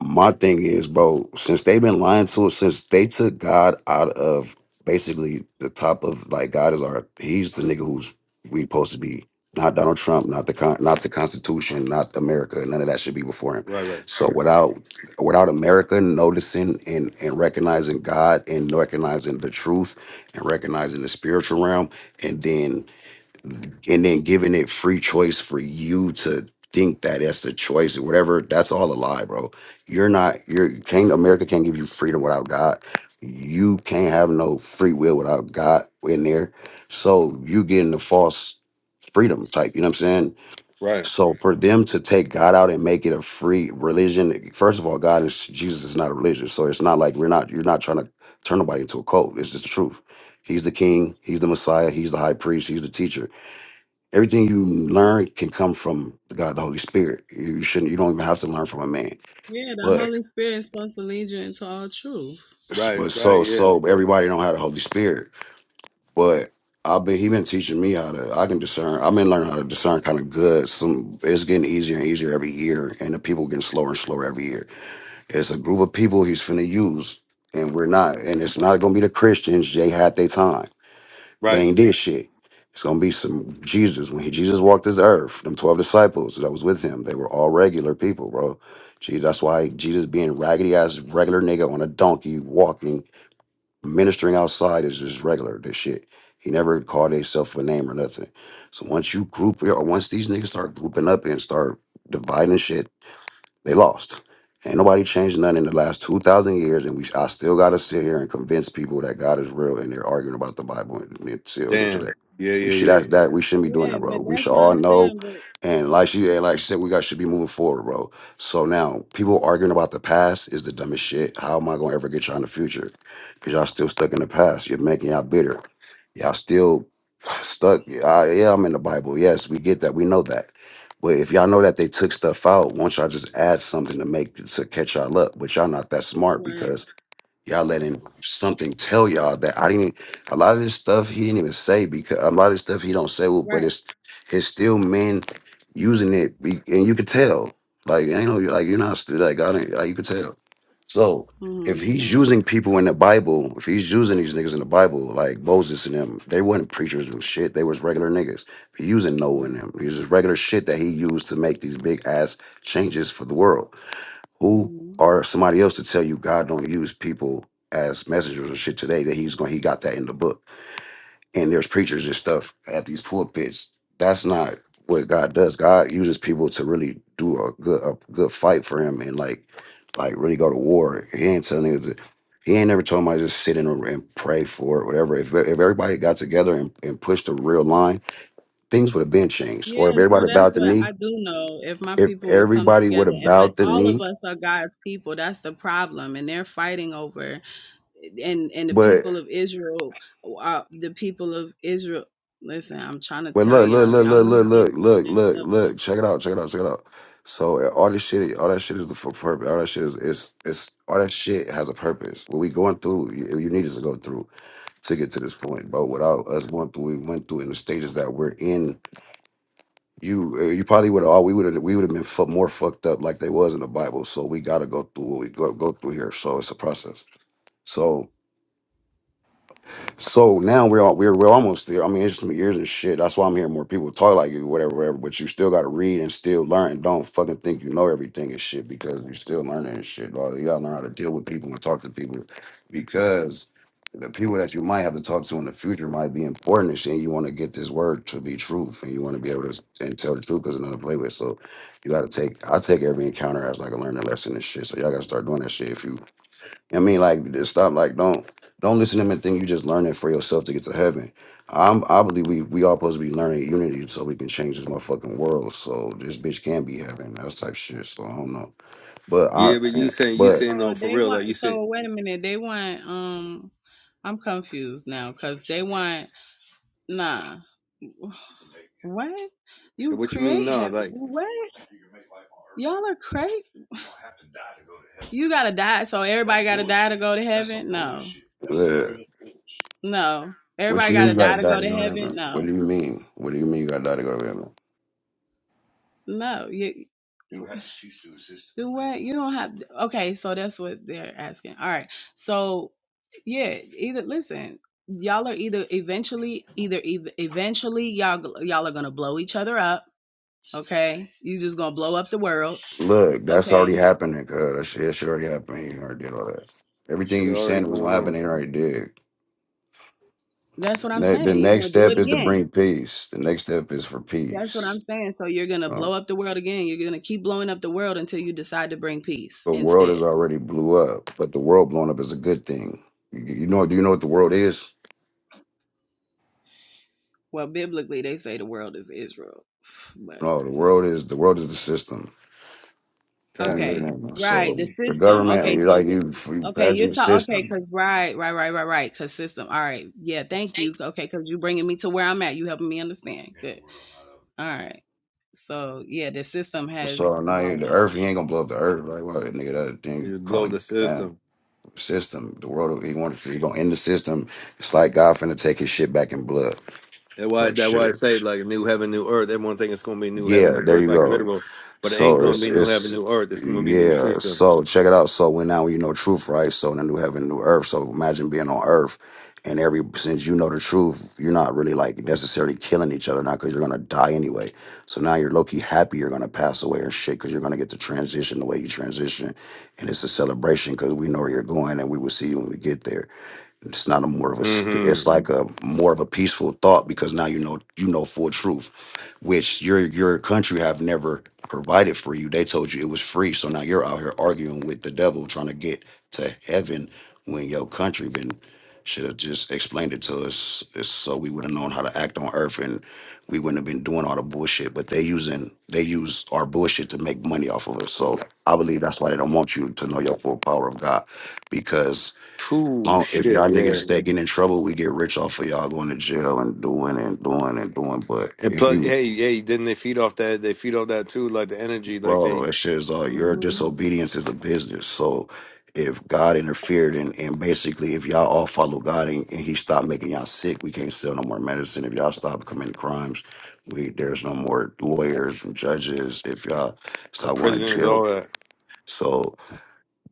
[SPEAKER 2] my thing is, bro. Since they've been lying to us, since they took God out of basically the top of like God is our. He's the nigga who's we supposed to be. Not Donald Trump, not the con, not the Constitution, not America. None of that should be before him.
[SPEAKER 4] right, right,
[SPEAKER 2] So without without America noticing and and recognizing God and recognizing the truth and recognizing the spiritual realm, and then and then giving it free choice for you to think that that's the choice or whatever that's all a lie bro you're not you're you can't america can't give you freedom without god you can't have no free will without god in there so you getting the false freedom type you know what i'm saying
[SPEAKER 4] right,
[SPEAKER 2] so for them to take god out and make it a free religion first of all god is jesus is not a religion so it's not like we're not you're not trying to turn nobody into a cult it's just the truth he's the king he's the messiah he's the high priest he's the teacher Everything you learn can come from God, the Holy Spirit. You shouldn't. You don't even have to learn from a man.
[SPEAKER 3] Yeah, the
[SPEAKER 2] But
[SPEAKER 3] Holy Spirit is supposed to lead you into all truth.
[SPEAKER 4] right,
[SPEAKER 2] but
[SPEAKER 4] right.
[SPEAKER 2] so
[SPEAKER 4] Yeah,
[SPEAKER 2] so everybody don't have the Holy Spirit. But I've been he been teaching me how to. I can discern. I've been learning how to discern kind of good. Some it's getting easier and easier every year, and the people getting slower and slower every year. It's a group of people he's finna use, and we're not. And it's not gonna be the Christians. They had their time. They
[SPEAKER 4] right.
[SPEAKER 2] ain't did shit. It's gonna be some Jesus when he, Jesus walked this earth. Them twelve disciples that was with him, they were all regular people, bro. Gee, that's why Jesus being raggedy ass regular nigga on a donkey walking, ministering outside is just regular. This shit. He never called himself a name or nothing. So once you group or once these niggas start grouping up and start dividing shit they lost. Ain't nobody changed nothing in the last two thousand years, and we I still gotta sit here and convince people that God is real, and they're arguing about the Bible and it's still here today.
[SPEAKER 4] Damn. Yeah,
[SPEAKER 2] We should
[SPEAKER 4] yeah, yeah.
[SPEAKER 2] ask that. We shouldn't be doing
[SPEAKER 3] Yeah,
[SPEAKER 2] that, bro.
[SPEAKER 3] but
[SPEAKER 2] We
[SPEAKER 3] that's
[SPEAKER 2] should
[SPEAKER 3] what
[SPEAKER 2] all
[SPEAKER 3] I'm
[SPEAKER 2] know,
[SPEAKER 3] saying. But
[SPEAKER 2] and like she and like she said, we got should be moving forward, bro. So now people arguing about the past is the dumbest shit. How am I gonna ever get y'all in the future? Cause y'all still stuck in the past. You're making y'all bitter. Y'all still stuck. I, yeah, I'm in the Bible. Yes, we get that. We know that but if y'all know that they took stuff out, won't y'all just add something to make to catch y'all up? But y'all not that smart because
[SPEAKER 3] right,
[SPEAKER 2] Y'all letting something tell y'all that I didn't. A lot of this stuff he didn't even say because a lot of this stuff he don't say, well, but
[SPEAKER 3] right.
[SPEAKER 2] it's it's still men using it, be- and you could tell. Like ain't no like you're not still like I God not like you could tell. So if
[SPEAKER 3] Mm-hmm.
[SPEAKER 2] he's using people in the Bible, if he's using these niggas in the Bible, like Moses and them, they weren't preachers and shit. They was regular niggas. He using Noah and them. He was just regular shit that he used to make these big ass changes for the world. Who
[SPEAKER 3] Mm-hmm.
[SPEAKER 2] or somebody else to tell you God don't use people as messengers or shit today that he's going he got that in the book. And there's preachers and stuff at these pulpits. That's not what God does. God uses people to really do a good a good fight for him and like like really go to war. He ain't telling niggas to- he ain't never told somebody just sit in a, and pray for it, whatever. If, if everybody got together and, and pushed the real line, things would have been changed. Or if
[SPEAKER 3] Yeah, so
[SPEAKER 2] everybody bowed
[SPEAKER 3] that's
[SPEAKER 2] the
[SPEAKER 3] what
[SPEAKER 2] knee,
[SPEAKER 3] I do know. If my
[SPEAKER 2] if
[SPEAKER 3] people would come
[SPEAKER 2] everybody would
[SPEAKER 3] together,
[SPEAKER 2] have
[SPEAKER 3] and but
[SPEAKER 2] bowed the
[SPEAKER 3] all of
[SPEAKER 2] knee.
[SPEAKER 3] us are God's people. That's the problem, and they're fighting over, and and the people of Israel, uh, the people of Israel. Listen, I'm trying to
[SPEAKER 2] Wait,
[SPEAKER 3] tell
[SPEAKER 2] look, look,
[SPEAKER 3] y'all, if
[SPEAKER 2] look,
[SPEAKER 3] y'all
[SPEAKER 2] look,
[SPEAKER 3] want to
[SPEAKER 2] look,
[SPEAKER 3] get
[SPEAKER 2] look,
[SPEAKER 3] to the
[SPEAKER 2] look,
[SPEAKER 3] next
[SPEAKER 2] look,
[SPEAKER 3] level,
[SPEAKER 2] look. Check it out, check it out, check it out. So uh, all this shit, all that shit is the for purpose. All that shit is, is, is all that shit has a purpose. What we going through, you, you need us to go through to get to this point, bro. Without us going through, we went through in the stages that we're in. You, uh, you probably would have all we would have, we would have been fu- more fucked up like they was in the Bible. So we gotta go through what we go go through here. So it's a process. So So now we're all, we're we're almost there. I mean, it's some years and shit. That's why I'm hearing more people talk like you, whatever, whatever. But you still got to read and still learn. And Don't fucking think you know everything and shit because you're still learning and shit. Dog. You gotta learn how to deal with people and talk to people because the people that you might have to talk to in the future might be important and shit. And you want to get this word to be truth and you want to be able to s- and tell the truth because another play with. So you got to take. I take every encounter as like a learning lesson and shit. So y'all got to start doing that shit if you. I mean, like, just stop. Like, don't don't listen to them and think you just learning for yourself to get to heaven. I'm, I believe we we all supposed to be learning unity so we can change this motherfucking world. So this bitch can be heaven. That's type shit. So I don't know. But I,
[SPEAKER 4] Yeah, but you saying you
[SPEAKER 2] but
[SPEAKER 4] saying
[SPEAKER 3] so
[SPEAKER 4] no for
[SPEAKER 3] they
[SPEAKER 4] real? Like
[SPEAKER 3] want.
[SPEAKER 4] you saying
[SPEAKER 3] So wait a minute, they want. Um, I'm confused now because they want. Nah, What? You
[SPEAKER 4] what you mean?
[SPEAKER 3] create
[SPEAKER 4] No,
[SPEAKER 3] heaven.
[SPEAKER 4] like.
[SPEAKER 3] Do what? Y'all are crazy. You gotta die, so everybody gotta die to go to heaven? No. That's some
[SPEAKER 2] uh,
[SPEAKER 3] real bullshit. No.
[SPEAKER 2] what
[SPEAKER 3] Everybody
[SPEAKER 2] you mean
[SPEAKER 3] gotta
[SPEAKER 2] you gotta
[SPEAKER 3] die to
[SPEAKER 2] die
[SPEAKER 3] go
[SPEAKER 2] to
[SPEAKER 3] to
[SPEAKER 2] go to heaven?
[SPEAKER 3] heaven?
[SPEAKER 2] What do
[SPEAKER 3] No.
[SPEAKER 2] you mean? What do you mean you gotta die to go to heaven?
[SPEAKER 3] No. You You have to to cease to exist. do what? You don't have okay, so that's what they're asking. All right. So yeah, either listen, y'all are either eventually either ev- eventually y'all y'all are gonna blow each other up Okay. You just gonna blow up the world.
[SPEAKER 2] Look, that's already
[SPEAKER 3] Okay.
[SPEAKER 2] happening. Cause that shit, that shit already happened. You already did all that. Everything
[SPEAKER 4] Shit
[SPEAKER 2] you
[SPEAKER 4] already
[SPEAKER 2] saying that was gonna
[SPEAKER 4] going
[SPEAKER 2] happen,
[SPEAKER 4] on.
[SPEAKER 2] they already did.
[SPEAKER 3] That's what I'm
[SPEAKER 2] Ne- the
[SPEAKER 3] saying. You're
[SPEAKER 2] next
[SPEAKER 3] gonna do
[SPEAKER 2] step
[SPEAKER 3] it
[SPEAKER 2] is to bring
[SPEAKER 3] again.
[SPEAKER 2] peace. The next step is for
[SPEAKER 3] That's what I'm
[SPEAKER 2] peace.
[SPEAKER 3] saying. So you're gonna
[SPEAKER 2] Um,
[SPEAKER 3] blow up the world again. You're gonna keep blowing up the world until you decide to bring peace
[SPEAKER 2] The world is
[SPEAKER 3] instead.
[SPEAKER 2] already blew up, but the world blowing up is a good thing. You, you know? Do you know what the world is?
[SPEAKER 3] Well, biblically they say the world is Israel. But
[SPEAKER 2] No, the world is the world is the system what we live
[SPEAKER 4] Fast.
[SPEAKER 3] okay.
[SPEAKER 2] in.
[SPEAKER 3] Right, the
[SPEAKER 2] So the
[SPEAKER 3] system.
[SPEAKER 2] government,
[SPEAKER 3] Okay,
[SPEAKER 2] you
[SPEAKER 3] so
[SPEAKER 2] like
[SPEAKER 3] yeah.
[SPEAKER 2] you, you
[SPEAKER 3] Okay,
[SPEAKER 2] passing
[SPEAKER 3] you're
[SPEAKER 2] the
[SPEAKER 3] talking. Okay,
[SPEAKER 2] system.
[SPEAKER 3] cause right, right, right, right, right. Cause system. All right. Yeah, thank you. Okay, cause you bringing me to where I'm at. You helping me understand. Good. All right. So yeah, the system has
[SPEAKER 2] So now you,
[SPEAKER 3] blown
[SPEAKER 2] the earth, you ain't gonna blow up the earth. Like what, nigga? That
[SPEAKER 4] It
[SPEAKER 2] thing
[SPEAKER 4] just blow
[SPEAKER 2] calling
[SPEAKER 4] the
[SPEAKER 2] that
[SPEAKER 4] system.
[SPEAKER 2] system. The world, he wants to, he gonna end the system. It's like God finna take his shit back in blood.
[SPEAKER 4] That why
[SPEAKER 2] So
[SPEAKER 4] that why I
[SPEAKER 2] shit.
[SPEAKER 4] say like a new heaven, new earth. Everyone think it's gonna be new heaven,
[SPEAKER 2] Yeah,
[SPEAKER 4] new
[SPEAKER 2] there
[SPEAKER 4] earth,
[SPEAKER 2] you
[SPEAKER 4] like
[SPEAKER 2] go.
[SPEAKER 4] literal. But it ain't
[SPEAKER 2] So
[SPEAKER 4] gonna
[SPEAKER 2] it's
[SPEAKER 4] be new heaven,
[SPEAKER 2] it's
[SPEAKER 4] new earth. It's gonna be a new
[SPEAKER 2] yeah.
[SPEAKER 4] system.
[SPEAKER 2] So check it out. So when now you know truth, right? So in the new heaven, new earth. So imagine being on earth, and every since you know the truth, you're not really like necessarily killing each other now because you're gonna die anyway. So now you're low key happy you're gonna pass away and shit because you're gonna get to transition the way you transition, and it's a celebration because we know where you're going and we will see you when we get there. It's not a more of a. sc- It's
[SPEAKER 4] Mm-hmm.
[SPEAKER 2] like a more of a peaceful thought because now you know you know full truth, which your your country have never provided for you. They told you it was free, so now you're out here arguing with the devil trying to get to heaven when your country been should have just explained it to us it's so we would have known how to act on earth and we wouldn't have been doing all the bullshit. But they using they use our bullshit to make money off of us. So I believe that's why they don't want you to know your full power of God because
[SPEAKER 4] Cool
[SPEAKER 2] long if y'all
[SPEAKER 4] shit,
[SPEAKER 2] niggas
[SPEAKER 4] yeah.
[SPEAKER 2] stay getting in trouble, we get rich off of y'all going to jail and doing and doing and doing. But
[SPEAKER 4] And
[SPEAKER 2] if
[SPEAKER 4] plus
[SPEAKER 2] you,
[SPEAKER 4] hey, hey, didn't they feed off that they feed off that too, like the energy, like
[SPEAKER 2] bro,
[SPEAKER 4] they
[SPEAKER 2] that shit is all your
[SPEAKER 3] it.
[SPEAKER 2] disobedience is a business. So if God interfered and, and basically if y'all all follow God and, and He stopped making y'all sick, we can't sell no more medicine. If y'all stop committing crimes, we there's no more lawyers and judges. If y'all
[SPEAKER 4] the
[SPEAKER 2] stop going to
[SPEAKER 4] prisons,
[SPEAKER 2] jail,
[SPEAKER 4] all that.
[SPEAKER 2] so.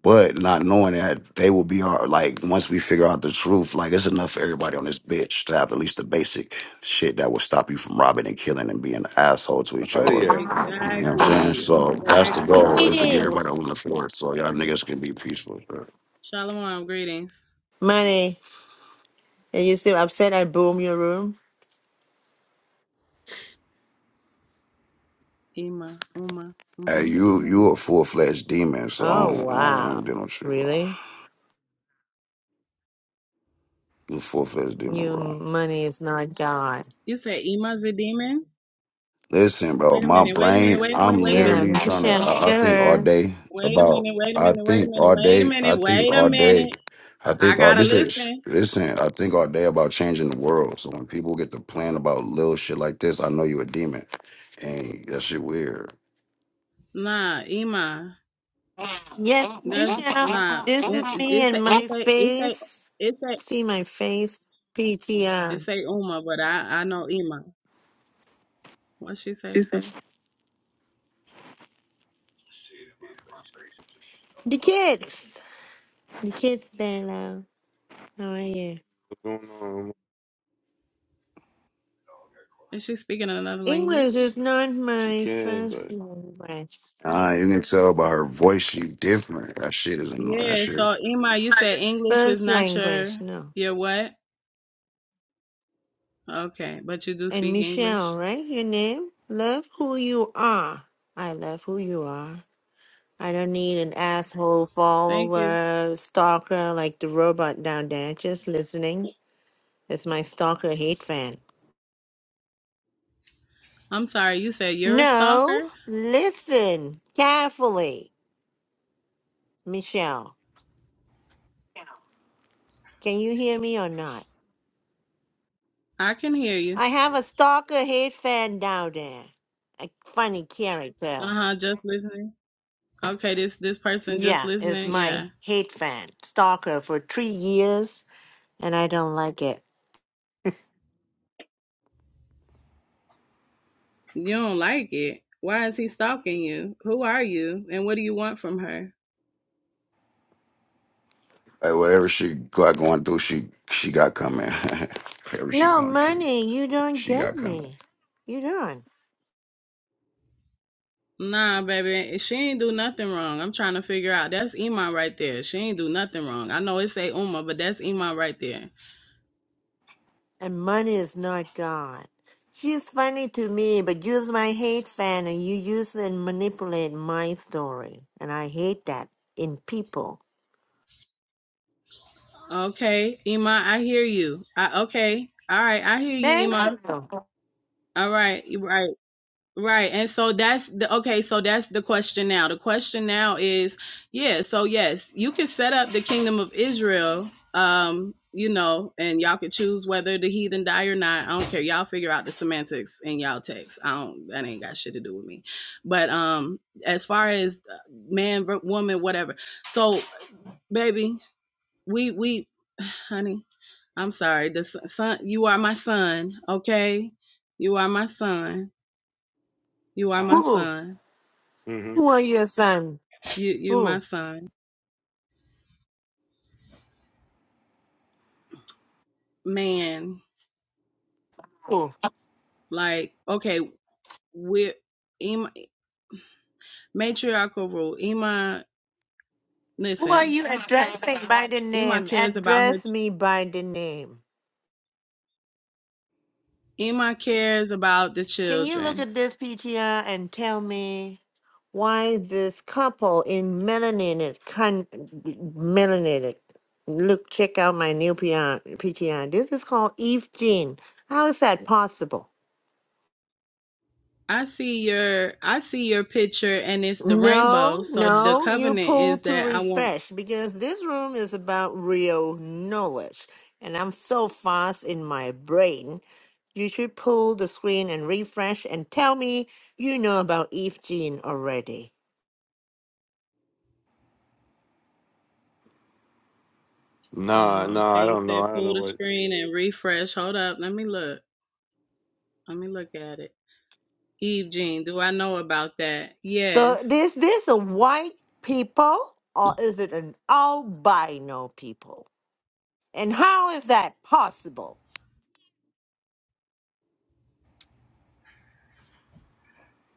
[SPEAKER 2] But not knowing that they will be our like once we figure out the truth, like it's enough for everybody on this bitch to have at least the basic shit that will stop you from robbing and killing and being an asshole to
[SPEAKER 4] But
[SPEAKER 2] each other.
[SPEAKER 4] hell
[SPEAKER 2] You know
[SPEAKER 4] yeah.
[SPEAKER 2] what I'm saying?
[SPEAKER 3] Exactly,
[SPEAKER 2] So that's the
[SPEAKER 3] exactly.
[SPEAKER 2] goal is to get everybody
[SPEAKER 5] Greetings,
[SPEAKER 2] on the floor so y'all niggas can be peaceful. Bro.
[SPEAKER 3] Shalom, greetings.
[SPEAKER 5] Money. Are you still upset I boom your room?
[SPEAKER 3] Ima, Uma,
[SPEAKER 2] Hey,
[SPEAKER 3] mm-hmm,
[SPEAKER 2] you
[SPEAKER 3] Ima.
[SPEAKER 2] you a full fledged demon, so I
[SPEAKER 5] Oh
[SPEAKER 2] don't, I don't, I
[SPEAKER 5] wow,
[SPEAKER 2] don't deal with you, bro.
[SPEAKER 5] really?
[SPEAKER 2] You a full fledged demon,
[SPEAKER 5] You
[SPEAKER 2] bro.
[SPEAKER 5] money is not God.
[SPEAKER 3] You say Ima's a demon?
[SPEAKER 2] Listen, bro,
[SPEAKER 3] Wait a
[SPEAKER 2] my
[SPEAKER 3] minute, wait a minute,
[SPEAKER 2] brain,
[SPEAKER 3] wait a minute,
[SPEAKER 2] I'm
[SPEAKER 3] wait a
[SPEAKER 5] Yeah,
[SPEAKER 3] minute,
[SPEAKER 2] literally trying to,
[SPEAKER 5] Michelle.
[SPEAKER 2] I, I think all
[SPEAKER 5] Sure.
[SPEAKER 2] day
[SPEAKER 3] wait a
[SPEAKER 2] about,
[SPEAKER 3] minute, wait a
[SPEAKER 2] I
[SPEAKER 3] minute, wait a
[SPEAKER 2] think
[SPEAKER 3] minute,
[SPEAKER 2] all
[SPEAKER 3] wait a
[SPEAKER 2] day, I
[SPEAKER 3] minute,
[SPEAKER 2] think
[SPEAKER 3] wait a
[SPEAKER 2] all day,
[SPEAKER 3] minute.
[SPEAKER 2] I
[SPEAKER 3] I I
[SPEAKER 2] think all,
[SPEAKER 3] gotta
[SPEAKER 2] this is,
[SPEAKER 3] listen.
[SPEAKER 2] listen, I think all day about changing the world. So when people get to plan about little shit like this, I know you a demon. And that shit weird.
[SPEAKER 3] Nah, Ima,
[SPEAKER 5] Yes,
[SPEAKER 3] that's
[SPEAKER 5] Michelle.
[SPEAKER 3] not.
[SPEAKER 5] This
[SPEAKER 3] Nah,
[SPEAKER 5] is
[SPEAKER 3] Um,
[SPEAKER 5] me
[SPEAKER 3] it's a,
[SPEAKER 5] and
[SPEAKER 3] it's
[SPEAKER 5] my
[SPEAKER 3] a, it's a,
[SPEAKER 5] face.
[SPEAKER 3] it's a,
[SPEAKER 5] See my face. PTR.
[SPEAKER 3] it's a Uma, but I, I know Ima. What she
[SPEAKER 4] She
[SPEAKER 3] say?
[SPEAKER 4] said,
[SPEAKER 5] The kids. The kids there now. How are you?
[SPEAKER 4] What's going on?
[SPEAKER 3] Is she speaking another
[SPEAKER 5] English
[SPEAKER 3] language?
[SPEAKER 5] is not
[SPEAKER 4] She
[SPEAKER 5] my
[SPEAKER 4] can,
[SPEAKER 5] first
[SPEAKER 4] but
[SPEAKER 5] language.
[SPEAKER 2] Ah, you can tell by her voice, she different. That shit is annoying. That
[SPEAKER 3] Yeah,
[SPEAKER 2] shit,
[SPEAKER 3] so Ima, you said English is
[SPEAKER 5] First
[SPEAKER 3] not
[SPEAKER 5] language,
[SPEAKER 3] your
[SPEAKER 5] no.
[SPEAKER 3] your what? Okay, but you do
[SPEAKER 5] And
[SPEAKER 3] speak
[SPEAKER 5] Michelle,
[SPEAKER 3] English.
[SPEAKER 5] right? Your name? Love who you are. I love who you are. I don't need an asshole
[SPEAKER 3] Thank you.
[SPEAKER 5] follower, stalker like the robot down there. Just listening. It's my stalker hate fan.
[SPEAKER 3] I'm sorry, you said you're a
[SPEAKER 5] No,
[SPEAKER 3] stalker?
[SPEAKER 5] listen carefully, Michelle. Can you hear me or not?
[SPEAKER 3] I can hear you.
[SPEAKER 5] I have a stalker hate fan down there. A funny character.
[SPEAKER 3] Uh-huh, just listening. Okay, this this person just
[SPEAKER 5] Yeah, it's
[SPEAKER 3] listening.
[SPEAKER 5] my
[SPEAKER 3] Yeah.
[SPEAKER 5] hate fan, stalker for three years, and I don't like it.
[SPEAKER 3] You don't like it. Why is he stalking you? Who are you? And what do you want from her?
[SPEAKER 2] like whatever she got going through, she, she got coming. whatever she
[SPEAKER 5] No,
[SPEAKER 2] going through,
[SPEAKER 5] money, you don't
[SPEAKER 2] she
[SPEAKER 5] get
[SPEAKER 2] got coming.
[SPEAKER 5] me.
[SPEAKER 2] What's
[SPEAKER 5] You don't.
[SPEAKER 3] Nah, baby, she ain't do nothing wrong. I'm trying to figure out. That's Iman right there. She ain't do nothing wrong. I know it say Uma, but that's Iman right there.
[SPEAKER 5] And money is not God. She's funny to me, but use my hate fan and you use and manipulate my story. And I hate that in people.
[SPEAKER 3] Okay, Ima, I hear you. I, okay, all right, I hear you,
[SPEAKER 5] Thank
[SPEAKER 3] Ima.
[SPEAKER 5] you.
[SPEAKER 3] All right, right, right. And so that's the okay. So that's the question now. The question now is, yeah. So yes, you can set up the kingdom of Israel. Um, you know, and y'all can choose whether the heathen die or not. I don't care. Y'all figure out the semantics in y'all text. I don't. That ain't got shit to do with me. But um, as far as uh, man, ver- woman, whatever. So baby, we we honey. I'm sorry. The son, son, you are my son. Okay, you are my son. You are my
[SPEAKER 5] Who?
[SPEAKER 3] son.
[SPEAKER 4] hmm
[SPEAKER 5] Who are your son?
[SPEAKER 3] You, you my
[SPEAKER 5] Who?
[SPEAKER 3] son. Man,
[SPEAKER 5] Who?
[SPEAKER 3] like, okay, we're Ima, matriarchal rule. Ima,
[SPEAKER 5] Who are
[SPEAKER 3] listen.
[SPEAKER 5] you addressing by the
[SPEAKER 3] Ima
[SPEAKER 5] name?
[SPEAKER 3] cares about her.
[SPEAKER 5] Address me by the name.
[SPEAKER 3] Ima cares about the
[SPEAKER 5] Can you look
[SPEAKER 3] children.
[SPEAKER 5] at this PTR and tell me why this couple in melanated con melanated? Look, check out my new PR, PTR. This is called Eve Jean. How is that possible?
[SPEAKER 3] I see your, I see your picture, and it's the rainbow.
[SPEAKER 5] No,
[SPEAKER 3] So the
[SPEAKER 5] no, you
[SPEAKER 3] covenant
[SPEAKER 5] pull
[SPEAKER 3] is
[SPEAKER 5] to
[SPEAKER 3] that I want.
[SPEAKER 5] refresh because this room is about real knowledge, and I'm so fast in my brain. You should pull the screen and refresh and tell me you know about Eve Jean already.
[SPEAKER 4] Nah,
[SPEAKER 3] Oh,
[SPEAKER 4] nah,
[SPEAKER 3] okay,
[SPEAKER 4] I
[SPEAKER 3] you
[SPEAKER 4] don't know.
[SPEAKER 3] said
[SPEAKER 4] I don't know
[SPEAKER 3] pull the
[SPEAKER 4] what
[SPEAKER 3] screen and refresh. Hold up, let me look. Let me look at it. Eve Jean, do I know about that?
[SPEAKER 5] So
[SPEAKER 3] Yes.
[SPEAKER 5] is this a white people or is it an albino people? And how is that possible?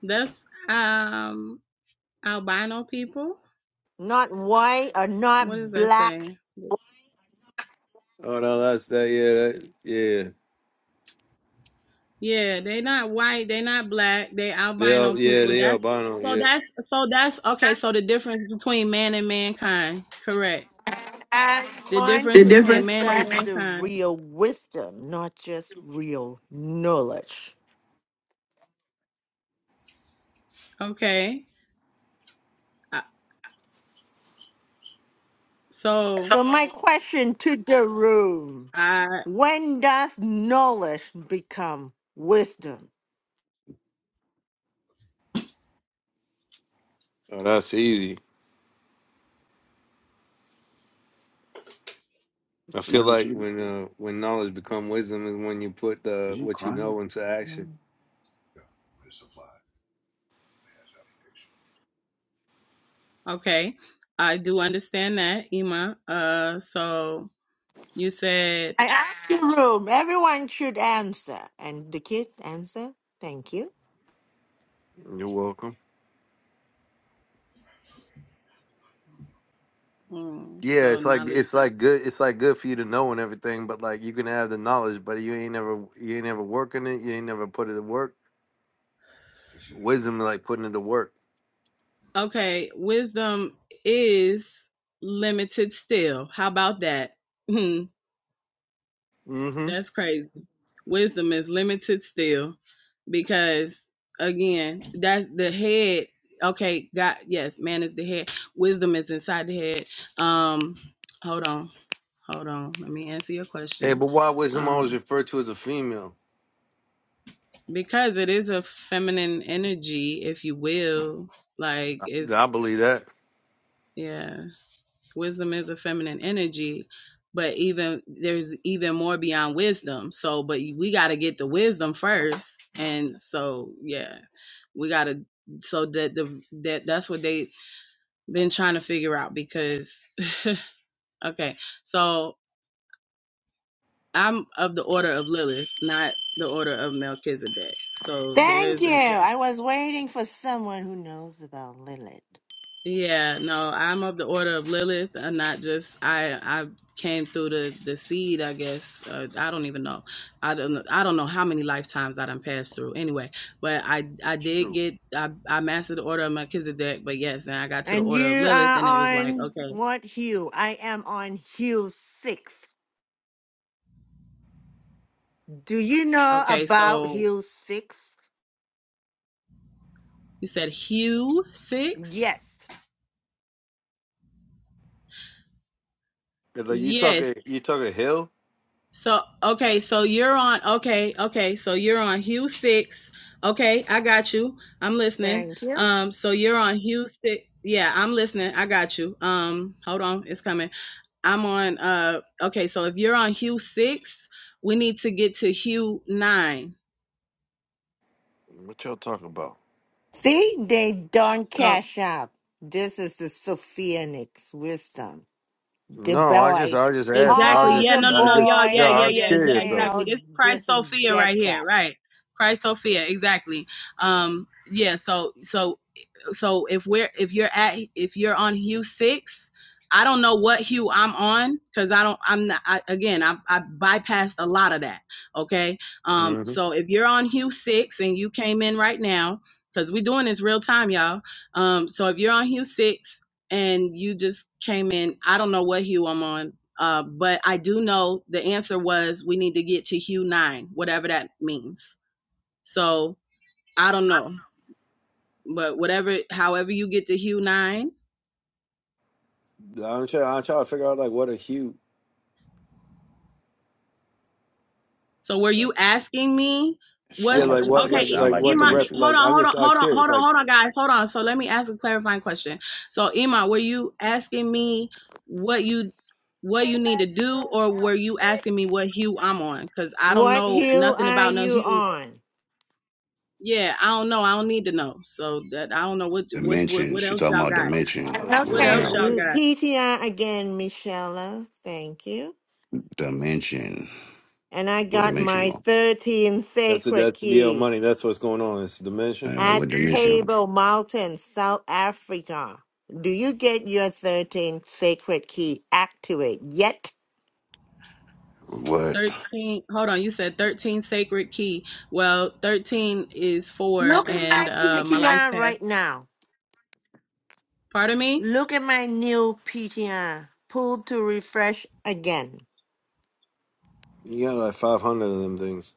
[SPEAKER 3] That's um albino people.
[SPEAKER 5] Not white or
[SPEAKER 3] What does
[SPEAKER 5] not
[SPEAKER 3] that
[SPEAKER 5] black.
[SPEAKER 3] say?
[SPEAKER 4] Oh no, that's that yeah, that, yeah.
[SPEAKER 3] Yeah, they not white, they not black, they albino
[SPEAKER 4] They'll yeah,
[SPEAKER 3] people.
[SPEAKER 4] they
[SPEAKER 3] That's
[SPEAKER 4] albino,
[SPEAKER 3] so
[SPEAKER 4] yeah.
[SPEAKER 3] that's so that's okay, so the difference between man and mankind. Correct.
[SPEAKER 5] I
[SPEAKER 3] The
[SPEAKER 5] want
[SPEAKER 3] difference
[SPEAKER 5] to
[SPEAKER 3] between man and
[SPEAKER 5] discuss the
[SPEAKER 3] mankind.
[SPEAKER 5] real wisdom, not just real knowledge.
[SPEAKER 3] Okay. I- So
[SPEAKER 5] So my question to the room,
[SPEAKER 3] I
[SPEAKER 5] when does knowledge become wisdom?
[SPEAKER 4] Oh, that's easy. I
[SPEAKER 2] the
[SPEAKER 4] feel
[SPEAKER 2] matter with
[SPEAKER 4] like
[SPEAKER 2] you?
[SPEAKER 4] when uh when knowledge become wisdom is when you put
[SPEAKER 2] Is
[SPEAKER 4] the
[SPEAKER 2] you
[SPEAKER 4] what you
[SPEAKER 2] crying?
[SPEAKER 4] know into action.
[SPEAKER 3] okay. I do understand that, Ima. Uh so you said
[SPEAKER 5] I ask the room, everyone should answer. And the kid answer? Thank you.
[SPEAKER 4] You're welcome.
[SPEAKER 3] mm,
[SPEAKER 4] Yeah,
[SPEAKER 3] so
[SPEAKER 4] it's like
[SPEAKER 3] knowledge.
[SPEAKER 4] it's like good it's like good for you to know and everything, but like you can have the knowledge, but you ain't never you ain't never working it, you ain't never put it to work. Wisdom is like putting it to work.
[SPEAKER 3] Okay, wisdom is limited still. How about that? Hmm,
[SPEAKER 4] Mm-hmm.
[SPEAKER 3] that's crazy. Wisdom is limited still because again, that's the head. Okay, God, yes, man is the head. Wisdom is inside the head. Um, hold on. Hold on. Let me answer your
[SPEAKER 4] Hey,
[SPEAKER 3] question.
[SPEAKER 4] but why wisdom always
[SPEAKER 3] Um,
[SPEAKER 4] referred to as a female?
[SPEAKER 3] because it is a feminine energy, if you will, like
[SPEAKER 4] I,
[SPEAKER 3] it's
[SPEAKER 4] I believe that.
[SPEAKER 3] yeah. wisdom is a feminine energy but even there's even more beyond wisdom so but we got to get the wisdom first and so yeah we got to so that the that that's what they've been trying to figure out because okay so i'm of the order of lilith not the order of melchizedek so
[SPEAKER 5] Thank
[SPEAKER 3] there's
[SPEAKER 5] you.
[SPEAKER 3] an
[SPEAKER 5] I was waiting for someone who knows about Lilith.
[SPEAKER 3] Yeah, no, I'm of the order of Lilith, and not just I. I came through the the seed, I guess. Uh, I don't even know. I don't. know- I don't know how many lifetimes I done passed through. Anyway, but I I did
[SPEAKER 4] True.
[SPEAKER 3] get I I mastered the order of Melchizedek, but yes, and I got to the
[SPEAKER 5] And
[SPEAKER 3] order of
[SPEAKER 5] you
[SPEAKER 3] Lilith,
[SPEAKER 5] are
[SPEAKER 3] and it was like
[SPEAKER 5] on
[SPEAKER 3] okay,
[SPEAKER 5] what hue? I am on hue six. Do you know
[SPEAKER 3] okay.
[SPEAKER 5] about
[SPEAKER 3] So
[SPEAKER 5] hue six?
[SPEAKER 3] you said Hugh six.
[SPEAKER 5] Yes.
[SPEAKER 4] Like you
[SPEAKER 3] Yes.
[SPEAKER 4] talking you talking hill?
[SPEAKER 3] So okay, so you're on okay, okay, so you're on Hugh six. Okay, I got you. I'm listening.
[SPEAKER 5] Thank you.
[SPEAKER 3] Um, so you're on Hugh six. Yeah, I'm listening. I got you. Um, hold on, it's coming. I'm on uh okay, so if you're on Hugh six, we need to get to Hugh nine.
[SPEAKER 4] What y'all talking about?
[SPEAKER 5] See, they don't
[SPEAKER 3] So
[SPEAKER 5] cash up. This is the Sophianics wisdom. The
[SPEAKER 4] No, I just,
[SPEAKER 5] boy,
[SPEAKER 4] I just asked. I was
[SPEAKER 3] exactly,
[SPEAKER 5] all
[SPEAKER 3] yeah,
[SPEAKER 4] just,
[SPEAKER 5] the
[SPEAKER 3] no, no,
[SPEAKER 4] I
[SPEAKER 3] no,
[SPEAKER 4] just,
[SPEAKER 3] y'all,
[SPEAKER 5] boy
[SPEAKER 4] yeah,
[SPEAKER 3] yeah,
[SPEAKER 4] I
[SPEAKER 3] yeah,
[SPEAKER 5] and
[SPEAKER 4] was
[SPEAKER 5] the
[SPEAKER 3] yeah, yeah,
[SPEAKER 4] curious though.
[SPEAKER 3] exactly.
[SPEAKER 5] male
[SPEAKER 3] This Christ
[SPEAKER 5] doesn't
[SPEAKER 3] Sophia
[SPEAKER 5] get
[SPEAKER 3] right here,
[SPEAKER 5] that.
[SPEAKER 3] right. Christ Sophia, exactly. Um, yeah, so so so if we're if you're at if you're on hue six i don't know what hue i'm on because i don't i'm not I, again I, I bypassed a lot of that okay um
[SPEAKER 4] hmm
[SPEAKER 3] so if you're on hue six and you came in right now because we're doing this real time y'all um so if you're on hue six and you just came in i don't know what hue i'm on uh, but I do know the answer was we need to get to hue nine, whatever that means. So I don't know but whatever however you get to hue nine
[SPEAKER 4] I'm trying, I'm trying to figure out like what a hue,
[SPEAKER 3] so were
[SPEAKER 4] like,
[SPEAKER 3] you asking me
[SPEAKER 2] It
[SPEAKER 4] yeah,
[SPEAKER 2] sound
[SPEAKER 3] what's
[SPEAKER 2] like
[SPEAKER 4] like
[SPEAKER 2] some.
[SPEAKER 4] what,
[SPEAKER 2] It
[SPEAKER 4] like,
[SPEAKER 3] okay
[SPEAKER 2] sound
[SPEAKER 4] like
[SPEAKER 2] like
[SPEAKER 4] what the
[SPEAKER 3] Ima,
[SPEAKER 4] ref,
[SPEAKER 2] dimension.
[SPEAKER 3] hold
[SPEAKER 4] like,
[SPEAKER 3] on
[SPEAKER 4] I'm
[SPEAKER 3] hold on
[SPEAKER 4] just, I'm
[SPEAKER 3] hold on
[SPEAKER 4] curious.
[SPEAKER 3] hold on
[SPEAKER 4] Like,
[SPEAKER 3] hold on guys hold on so let me ask a clarifying question so Ima, were you asking me what you what you need to do or were you asking me what hue i'm on because i don't
[SPEAKER 5] What
[SPEAKER 3] know
[SPEAKER 5] hue
[SPEAKER 3] nothing
[SPEAKER 5] are
[SPEAKER 3] about no
[SPEAKER 5] you
[SPEAKER 3] hue
[SPEAKER 5] on?
[SPEAKER 3] yeah i don't know i don't need to know so that i don't know what what what,
[SPEAKER 2] Dimension.
[SPEAKER 3] what
[SPEAKER 2] She
[SPEAKER 3] else
[SPEAKER 2] talking
[SPEAKER 3] y'all
[SPEAKER 2] about
[SPEAKER 3] got
[SPEAKER 4] oh,
[SPEAKER 2] dimension.
[SPEAKER 4] she's
[SPEAKER 2] What
[SPEAKER 3] what
[SPEAKER 5] Okay,
[SPEAKER 4] okay,
[SPEAKER 3] else
[SPEAKER 2] round?
[SPEAKER 3] y'all
[SPEAKER 4] okay.
[SPEAKER 5] n-
[SPEAKER 3] got
[SPEAKER 5] PTR again, Michelle. Thank you.
[SPEAKER 2] Dimension.
[SPEAKER 5] And I
[SPEAKER 2] What
[SPEAKER 5] got
[SPEAKER 2] dimension? you
[SPEAKER 5] my
[SPEAKER 2] on?
[SPEAKER 5] 13
[SPEAKER 4] That's it.
[SPEAKER 5] sacred
[SPEAKER 4] That's the old
[SPEAKER 5] key
[SPEAKER 4] money. That's what's going on. It's dimension.
[SPEAKER 2] Uh,
[SPEAKER 5] at
[SPEAKER 2] what dimension? you on?
[SPEAKER 5] Table Mountain, South Africa. Do you get your 13 sacred key activate yet?
[SPEAKER 2] What?
[SPEAKER 3] 13 hold on you said 13 sacred key well 13 is four
[SPEAKER 5] Look at
[SPEAKER 3] and
[SPEAKER 5] my
[SPEAKER 3] uh my life
[SPEAKER 5] PTR
[SPEAKER 3] path
[SPEAKER 5] right now.
[SPEAKER 3] pardon me
[SPEAKER 5] Look at my new PTR. Pull to refresh again.
[SPEAKER 4] You got like 500 of them things,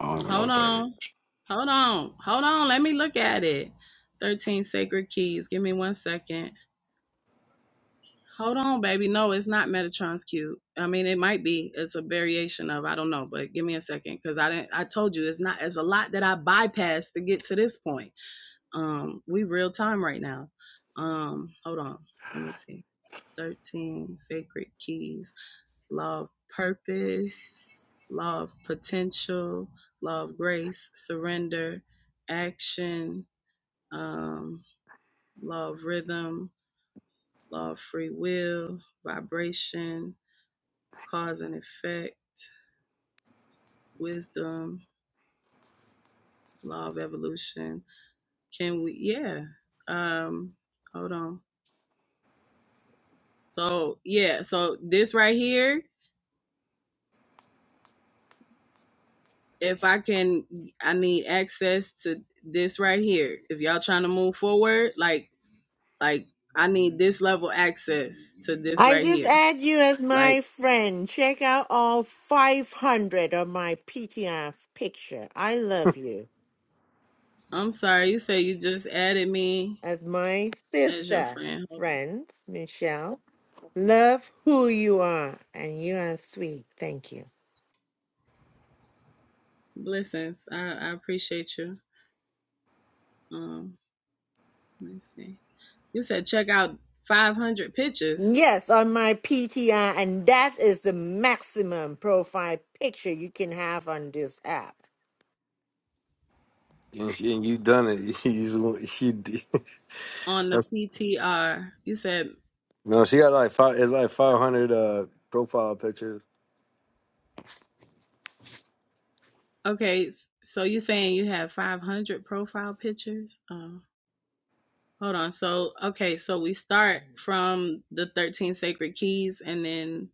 [SPEAKER 2] I don't even know
[SPEAKER 3] hold
[SPEAKER 2] what that
[SPEAKER 3] on
[SPEAKER 2] is.
[SPEAKER 3] hold on hold on let me look at it 13 sacred keys give me one second hold on baby no it's not metatron's cube i mean it might be it's a variation of i don't know but give me a second because i didn't i told you it's not it's a lot that i bypassed to get to this point Um, we real time right now. Um, hold on. Let me see. 13 sacred keys law of purpose, law of potential, law of grace, surrender, action, um, law of rhythm, law of free will, vibration, cause and effect, wisdom, law of evolution. Can we, yeah. Um, hold on. So, yeah, so this right here if I can, I need access to this right here. If y'all trying to move forward, like, like I need this level access to this
[SPEAKER 5] I
[SPEAKER 3] right
[SPEAKER 5] just
[SPEAKER 3] here.
[SPEAKER 5] add you as
[SPEAKER 3] Like,
[SPEAKER 5] my friend. Check out all 500 of my PTR picture. I love you
[SPEAKER 3] I'm sorry, you say you just added me
[SPEAKER 5] as my
[SPEAKER 3] as your
[SPEAKER 5] sister,
[SPEAKER 3] friend. Hold
[SPEAKER 5] friends, Michelle. Love who you are, and you are sweet. Thank you.
[SPEAKER 3] on, blessings. I, I appreciate you. Um, let me see. You said check out 500 pictures
[SPEAKER 5] Yes, on my PTR, and that is the maximum profile picture you can have on this app.
[SPEAKER 4] and, she, and you done it. You just- she, did-
[SPEAKER 3] on the
[SPEAKER 4] that's,
[SPEAKER 3] PTR. You said
[SPEAKER 4] no, she got like five. It's like 500 uh profile pictures.
[SPEAKER 3] okay. So you saying you have 500 profile pictures? Oh. Hold on. So, okay, so we start from the 13 sacred keys and then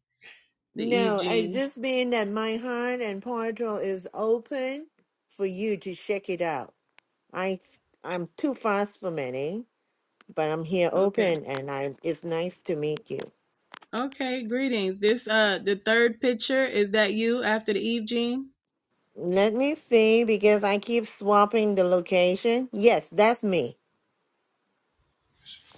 [SPEAKER 3] the Eve
[SPEAKER 5] No, it's
[SPEAKER 3] gene.
[SPEAKER 5] just being that my heart and portal is open for you to check it out. I I'm too fast for many, but I'm here
[SPEAKER 3] Okay.
[SPEAKER 5] open and I it's nice to meet you.
[SPEAKER 3] Okay, greetings. This uh the third picture is that you after the Eve gene?
[SPEAKER 5] Let me see because I keep swapping the location. Yes, that's me.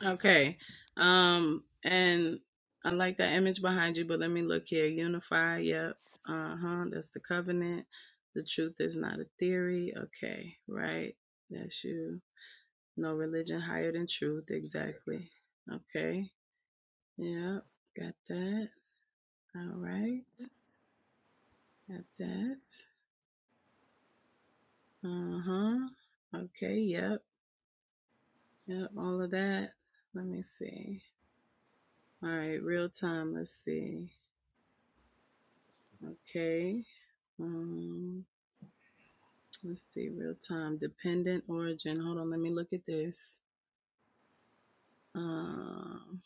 [SPEAKER 3] Okay. Um and I like that image behind you, but let me look here. Unify, yep. Uh-huh. That's the covenant. The truth is not a theory. Okay, right. That's you. No religion higher than truth, exactly. Okay. Yep. Got that. All right. Got that. Uh huh. Okay. Yep. Yep. All of that. Let me see. All right. Real time. Let's see. Okay. Um, let's see. Real time. Dependent origin. Hold on. Let me look at this. Um,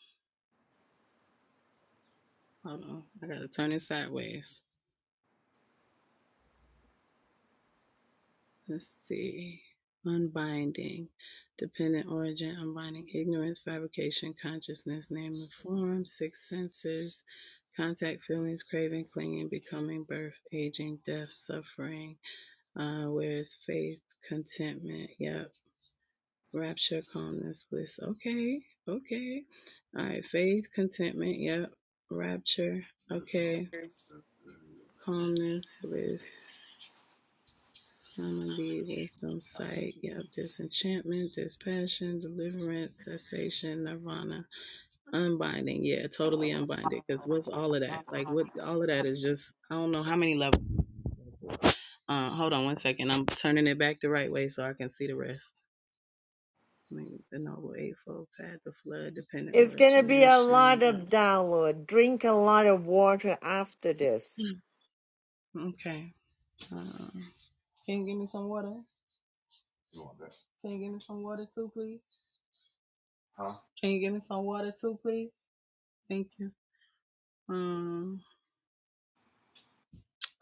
[SPEAKER 3] hold on. I got to turn it sideways. Let's see. Unbinding, dependent origin, unbinding ignorance, fabrication, consciousness, name and form, six senses, contact, feelings, craving, clinging, becoming, birth, aging, death, suffering. Uh, where is faith, contentment? Yep. Rapture, calmness, bliss. Okay. Okay. All right. Faith, contentment. Yep. Rapture. Okay. Calmness, bliss. Some of the wisdom sight. Yep. Disenchantment, dispassion, deliverance, cessation, nirvana, unbinding. Yeah, totally unbinded. Because what's all of that? Like, what all of that is just, I don't know how many levels. Uh, hold on one second. I'm turning it back the right way so I can see the rest. I mean, the noble eightfold path, the flood, dependent
[SPEAKER 5] It's gonna be a
[SPEAKER 3] origination.
[SPEAKER 5] lot of
[SPEAKER 3] Uh,
[SPEAKER 5] download. Drink a lot of water after this.
[SPEAKER 3] mm, okay. Um, can you give me some water? Can you give me some water too, please? Can you give me some water too, please? Thank you. Um.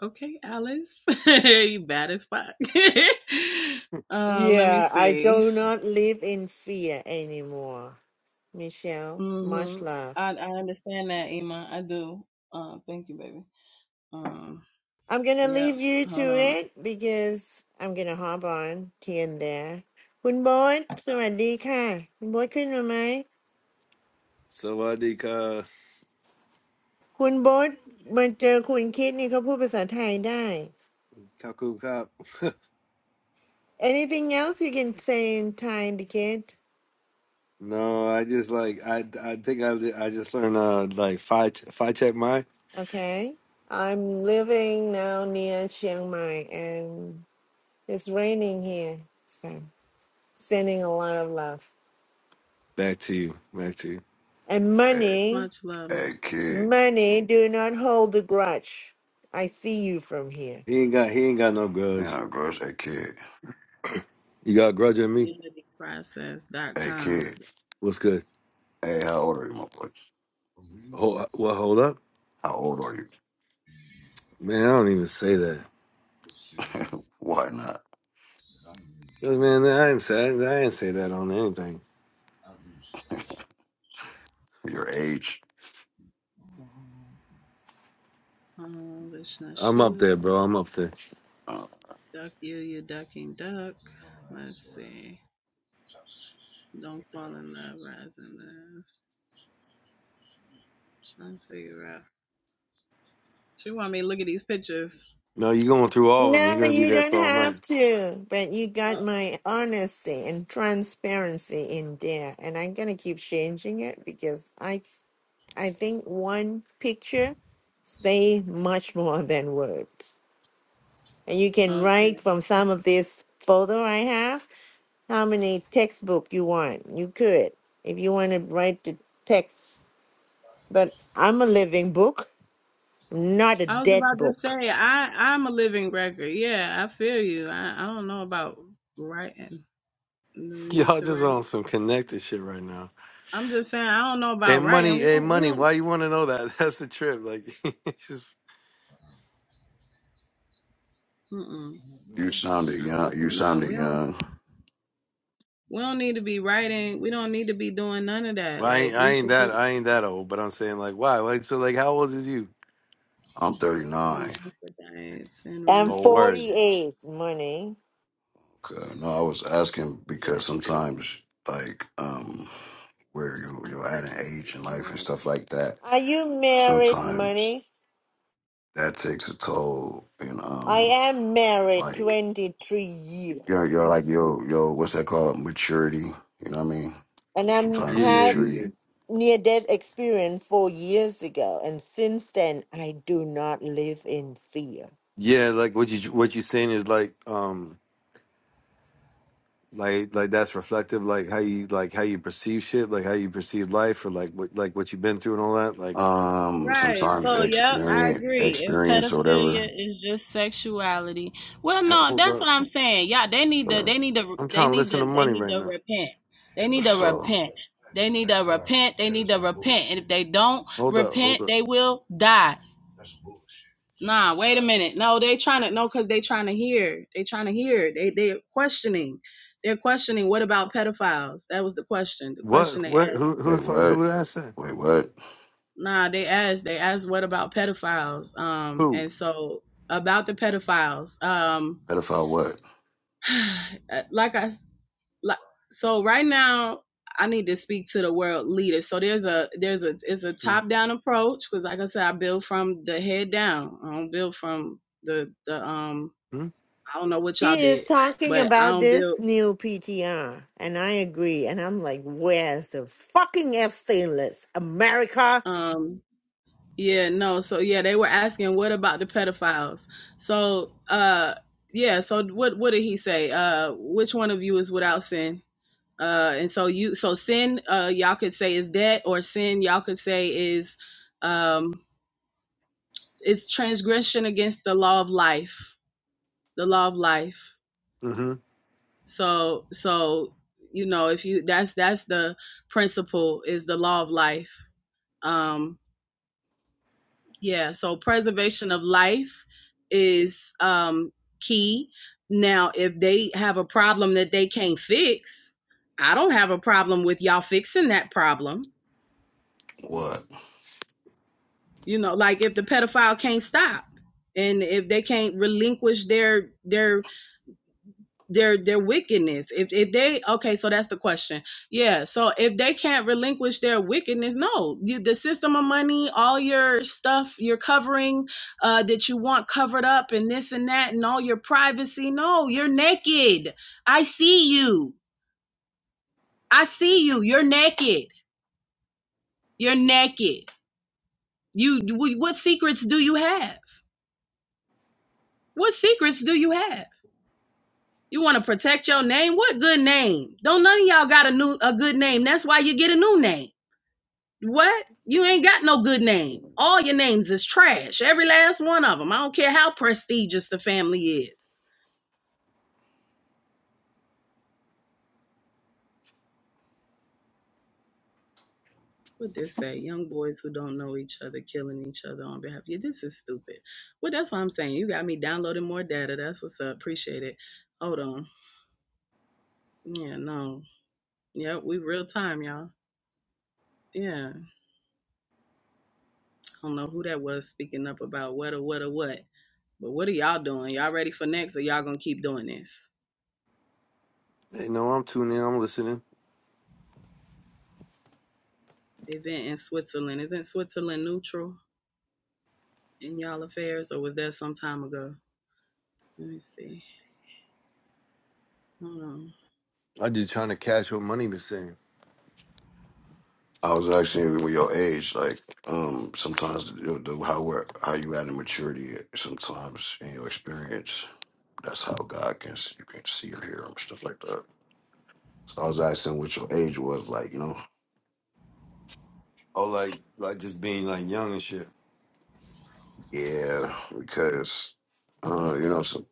[SPEAKER 3] Okay, Alice. you bad as fuck. um, let me
[SPEAKER 5] Yeah, I
[SPEAKER 3] see.
[SPEAKER 5] do not live in fear anymore. Michelle, much
[SPEAKER 3] hmm
[SPEAKER 5] love.
[SPEAKER 3] I I understand that, Ima. I do. Uh, thank you, baby. Um,
[SPEAKER 5] I'm gonna
[SPEAKER 3] yep.
[SPEAKER 5] leave you
[SPEAKER 3] Hold
[SPEAKER 5] to
[SPEAKER 3] on.
[SPEAKER 5] it because I'm gonna hop on here and there.
[SPEAKER 3] Uh,
[SPEAKER 5] คุณโบทสวัสดีค่ะคุณโบทขึ้นมาไหม
[SPEAKER 4] So I think uh,
[SPEAKER 5] คุณโบทมาเจอคุณคิดนี่เขาพูดภาษาไทยได้
[SPEAKER 4] Kaku Cop.
[SPEAKER 5] Anything else you can say in Thai to kid?
[SPEAKER 4] No, I just like I I think I I just learned uh like five five check my
[SPEAKER 5] Okay. I'm living now near Chiang Mai and it's raining here. So sending a lot of love.
[SPEAKER 4] back to you back to you.
[SPEAKER 5] And
[SPEAKER 2] Hey,
[SPEAKER 5] money,
[SPEAKER 3] much love,
[SPEAKER 2] hey
[SPEAKER 3] much love.
[SPEAKER 2] kid.
[SPEAKER 5] money, do not hold the grudge. I see you from here.
[SPEAKER 4] He ain't got he ain't got no grudge.
[SPEAKER 2] Yeah, girls. Hey, kid.
[SPEAKER 4] You got a grudge at me?
[SPEAKER 3] Unity Process dot
[SPEAKER 2] Hey,
[SPEAKER 3] com.
[SPEAKER 2] kid.
[SPEAKER 4] What's good?
[SPEAKER 2] Hey, how old are you, my boy?
[SPEAKER 4] Hold what? Hold up,
[SPEAKER 2] How old are
[SPEAKER 4] man. I don't even say that.
[SPEAKER 2] you? Why not?
[SPEAKER 4] Yo, Man, I didn't say I didn't say that on anything.
[SPEAKER 2] Your age.
[SPEAKER 3] Um, Vishna
[SPEAKER 4] I'm up there,
[SPEAKER 3] Shiva.
[SPEAKER 4] bro. I'm up there.
[SPEAKER 2] Uh,
[SPEAKER 3] Duck you, you ducking duck. Let's see. Don't fall in love, rising love. Trying to figure out. She want me to look at these pictures.
[SPEAKER 4] No, you going through all of them.
[SPEAKER 5] No,
[SPEAKER 4] You're gonna be
[SPEAKER 5] you
[SPEAKER 4] there
[SPEAKER 5] don't
[SPEAKER 4] for all night.
[SPEAKER 5] have to, but you got
[SPEAKER 3] Oh,
[SPEAKER 5] my honesty and transparency in there, and I'm gonna keep changing it because I I think one picture say much more than words. And you can
[SPEAKER 3] okay.
[SPEAKER 5] write from some of this photo I have how many textbook you want. You could if you want to write the text, but I'm a living book, not a
[SPEAKER 3] I was
[SPEAKER 5] dead
[SPEAKER 3] about to
[SPEAKER 5] book.
[SPEAKER 3] say I I'm a living record. Yeah, I feel you. I I don't know about writing. Do we need
[SPEAKER 4] Y'all
[SPEAKER 3] to
[SPEAKER 4] just
[SPEAKER 3] write?
[SPEAKER 4] on some connected shit right now.
[SPEAKER 3] I'm just saying I don't know
[SPEAKER 4] Hey,
[SPEAKER 3] about writing.
[SPEAKER 4] money.
[SPEAKER 3] We
[SPEAKER 4] Hey,
[SPEAKER 3] don't we
[SPEAKER 4] money.
[SPEAKER 3] don't.
[SPEAKER 4] Why you want to know that? That's the trip. Like, just.
[SPEAKER 3] Mm-mm.
[SPEAKER 2] you sounded young. You
[SPEAKER 3] No,
[SPEAKER 2] sounded
[SPEAKER 3] we don't.
[SPEAKER 2] young.
[SPEAKER 3] We don't need to be writing. We don't need to be doing none of that.
[SPEAKER 4] Well, I
[SPEAKER 3] Like
[SPEAKER 4] ain't, I
[SPEAKER 3] we
[SPEAKER 4] ain't
[SPEAKER 3] should be
[SPEAKER 4] that I ain't that old, but I'm saying like why? Like so like how old is you?
[SPEAKER 2] I'm 39.
[SPEAKER 3] hermaphrodites and
[SPEAKER 5] I'm
[SPEAKER 4] Oh
[SPEAKER 3] Renaissance
[SPEAKER 4] word.
[SPEAKER 5] 48, money.
[SPEAKER 2] Okay. No, I was asking because
[SPEAKER 3] Black Cubans.
[SPEAKER 2] sometimes, like, um. where you
[SPEAKER 3] I
[SPEAKER 2] you're at
[SPEAKER 3] just
[SPEAKER 2] an age in life and
[SPEAKER 3] write.
[SPEAKER 2] stuff like that.
[SPEAKER 5] Are you married,
[SPEAKER 2] Sometimes
[SPEAKER 5] Money?
[SPEAKER 2] that takes a toll, and
[SPEAKER 5] I
[SPEAKER 2] um,
[SPEAKER 5] am married
[SPEAKER 2] like
[SPEAKER 5] 23
[SPEAKER 2] you're
[SPEAKER 5] years.
[SPEAKER 2] you're like yo yo, what's that called? Maturity. You know what I mean?
[SPEAKER 5] And I am
[SPEAKER 2] Sometimes
[SPEAKER 4] Yeah,
[SPEAKER 2] the
[SPEAKER 4] yeah.
[SPEAKER 5] had
[SPEAKER 2] maturity,
[SPEAKER 5] near death experience four years ago. And since then, I do not live in fear.
[SPEAKER 4] Yeah, like what you what you saying is like um like like that's reflective, like how you like how you perceive shit, like how you perceive life or like what like what you've been through and all that. Like
[SPEAKER 2] um,
[SPEAKER 3] Right.
[SPEAKER 2] sometimes
[SPEAKER 3] So, yep, I
[SPEAKER 2] experience
[SPEAKER 3] agree. If
[SPEAKER 2] experience or
[SPEAKER 3] pedophilia
[SPEAKER 2] whatever.
[SPEAKER 3] is just sexuality, well,
[SPEAKER 4] h-
[SPEAKER 3] no,
[SPEAKER 4] hold
[SPEAKER 3] that's
[SPEAKER 4] up.
[SPEAKER 3] what I'm saying. Yeah, they need to, they need to,
[SPEAKER 4] I'm
[SPEAKER 3] they
[SPEAKER 4] trying to
[SPEAKER 3] need
[SPEAKER 4] listen
[SPEAKER 3] to,
[SPEAKER 4] to
[SPEAKER 3] they
[SPEAKER 4] money
[SPEAKER 3] need
[SPEAKER 4] right
[SPEAKER 3] to
[SPEAKER 4] now.
[SPEAKER 3] repent. They need to
[SPEAKER 2] So
[SPEAKER 3] repent. They need to repent. They need to repent. And if they don't
[SPEAKER 4] Hold up, hold
[SPEAKER 3] repent,
[SPEAKER 4] up.
[SPEAKER 3] they will die. Nah, wait a minute. No, they trying to no, cause they trying to hear. They trying to hear. They they questioning. They're questioning. What about pedophiles? That was the question. The question
[SPEAKER 4] What
[SPEAKER 3] they
[SPEAKER 4] what
[SPEAKER 3] asked.
[SPEAKER 4] who who the
[SPEAKER 2] wait,
[SPEAKER 4] fuck-
[SPEAKER 2] what?
[SPEAKER 4] who did I say?
[SPEAKER 2] Wait, what?
[SPEAKER 3] Nah, they asked. They asked what about pedophiles? Um,
[SPEAKER 4] Who?
[SPEAKER 3] and so about the pedophiles. Um,
[SPEAKER 2] Pedophile? What?
[SPEAKER 3] like I like. So right now, I need to speak to the world leaders. So there's a there's a it's a top down approach because, like I said, I build from the head down. I don't build from the the um.
[SPEAKER 4] Mm-hmm.
[SPEAKER 3] I don't know what y'all
[SPEAKER 5] She is
[SPEAKER 3] did,
[SPEAKER 5] talking
[SPEAKER 3] but I
[SPEAKER 5] about
[SPEAKER 3] don't
[SPEAKER 5] this
[SPEAKER 3] build.
[SPEAKER 5] new PTR. And I agree. And I'm like, where's the fucking FC list? America?
[SPEAKER 3] Um, Yeah, no. So yeah, they were asking what about the pedophiles? So uh yeah, so what what did he say? Uh which one of you is without sin? Uh and so you so sin uh y'all could say is debt or sin y'all could say is um is transgression against the law of life. The law of life.
[SPEAKER 4] Mm-hmm.
[SPEAKER 3] So so you know, if you that's that's the principle is the law of life. Um Yeah, so preservation of life is um key. Now, if they have a problem that they can't fix, I don't have a problem with y'all fixing that problem.
[SPEAKER 2] What?
[SPEAKER 3] You know, like if the pedophile can't stop and if they can't relinquish their their their their wickedness if if they okay so that's the question yeah so if they can't relinquish their wickedness no you the system of money all your stuff you're covering uh that you want covered up and this and that and all your privacy no you're naked i see you i see you you're naked you're naked you you- what secrets do you have what secrets do you have you want to protect your name what good name don't none of y'all got a new a good name that's why you get a new name What? You ain't got no good name. All your names is trash. Every last one of them. I don't care how prestigious the family is. What this say? Young boys who don't know each other killing each other on behalf of you. This is stupid. Well, that's what I'm saying. You got me downloading more data. That's what's up. Appreciate it. Hold on. Yeah, no. Yep, we real time, y'all. Yeah. I don't know who that was speaking up about what or what or what. But what are y'all doing? Y'all ready for next or y'all gonna keep doing this?
[SPEAKER 4] Hey, no, I'm tuning in, I'm listening.
[SPEAKER 3] Event in Switzerland. Isn't Switzerland neutral? in y'all affairs, or was that some time ago? Let me see. Hold on.
[SPEAKER 4] I'm just trying to catch what money was saying.
[SPEAKER 2] I was actually with your age, like um, sometimes the, the, how we're, how you at in maturity, sometimes in your experience That's how God can you can see or hear him, stuff like that. So I was asking what your age was, like you know,
[SPEAKER 4] Oh like like just being like young and shit.
[SPEAKER 2] yeah, because uh, you know, so,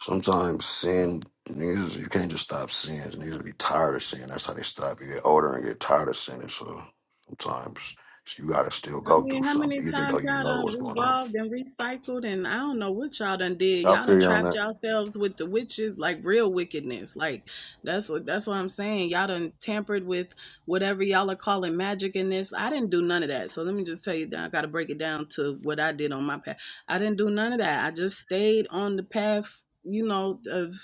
[SPEAKER 2] sometimes sin niggas you can't just stop sinning. Niggas be tired of sin. That's how they stop. You get older and get tired of sinning. So sometimes you gotta still
[SPEAKER 3] I
[SPEAKER 2] go through
[SPEAKER 3] mean, how many
[SPEAKER 2] something, even
[SPEAKER 3] times
[SPEAKER 2] though you
[SPEAKER 3] y'all
[SPEAKER 2] know
[SPEAKER 3] done
[SPEAKER 2] what's going on.
[SPEAKER 3] revolved and recycled, and I don't know what y'all done did.
[SPEAKER 4] I
[SPEAKER 3] Y'all done
[SPEAKER 4] feel you on
[SPEAKER 3] trapped
[SPEAKER 4] that.
[SPEAKER 3] yourselves with the witches, like real wickedness. Like that's what that's what I'm saying. Y'all done tampered with whatever y'all are calling magic in this. I didn't do none of that. So let me just tell you that I got to break it down to what I did on my path. I didn't do none of that. I just stayed on the path, you know, of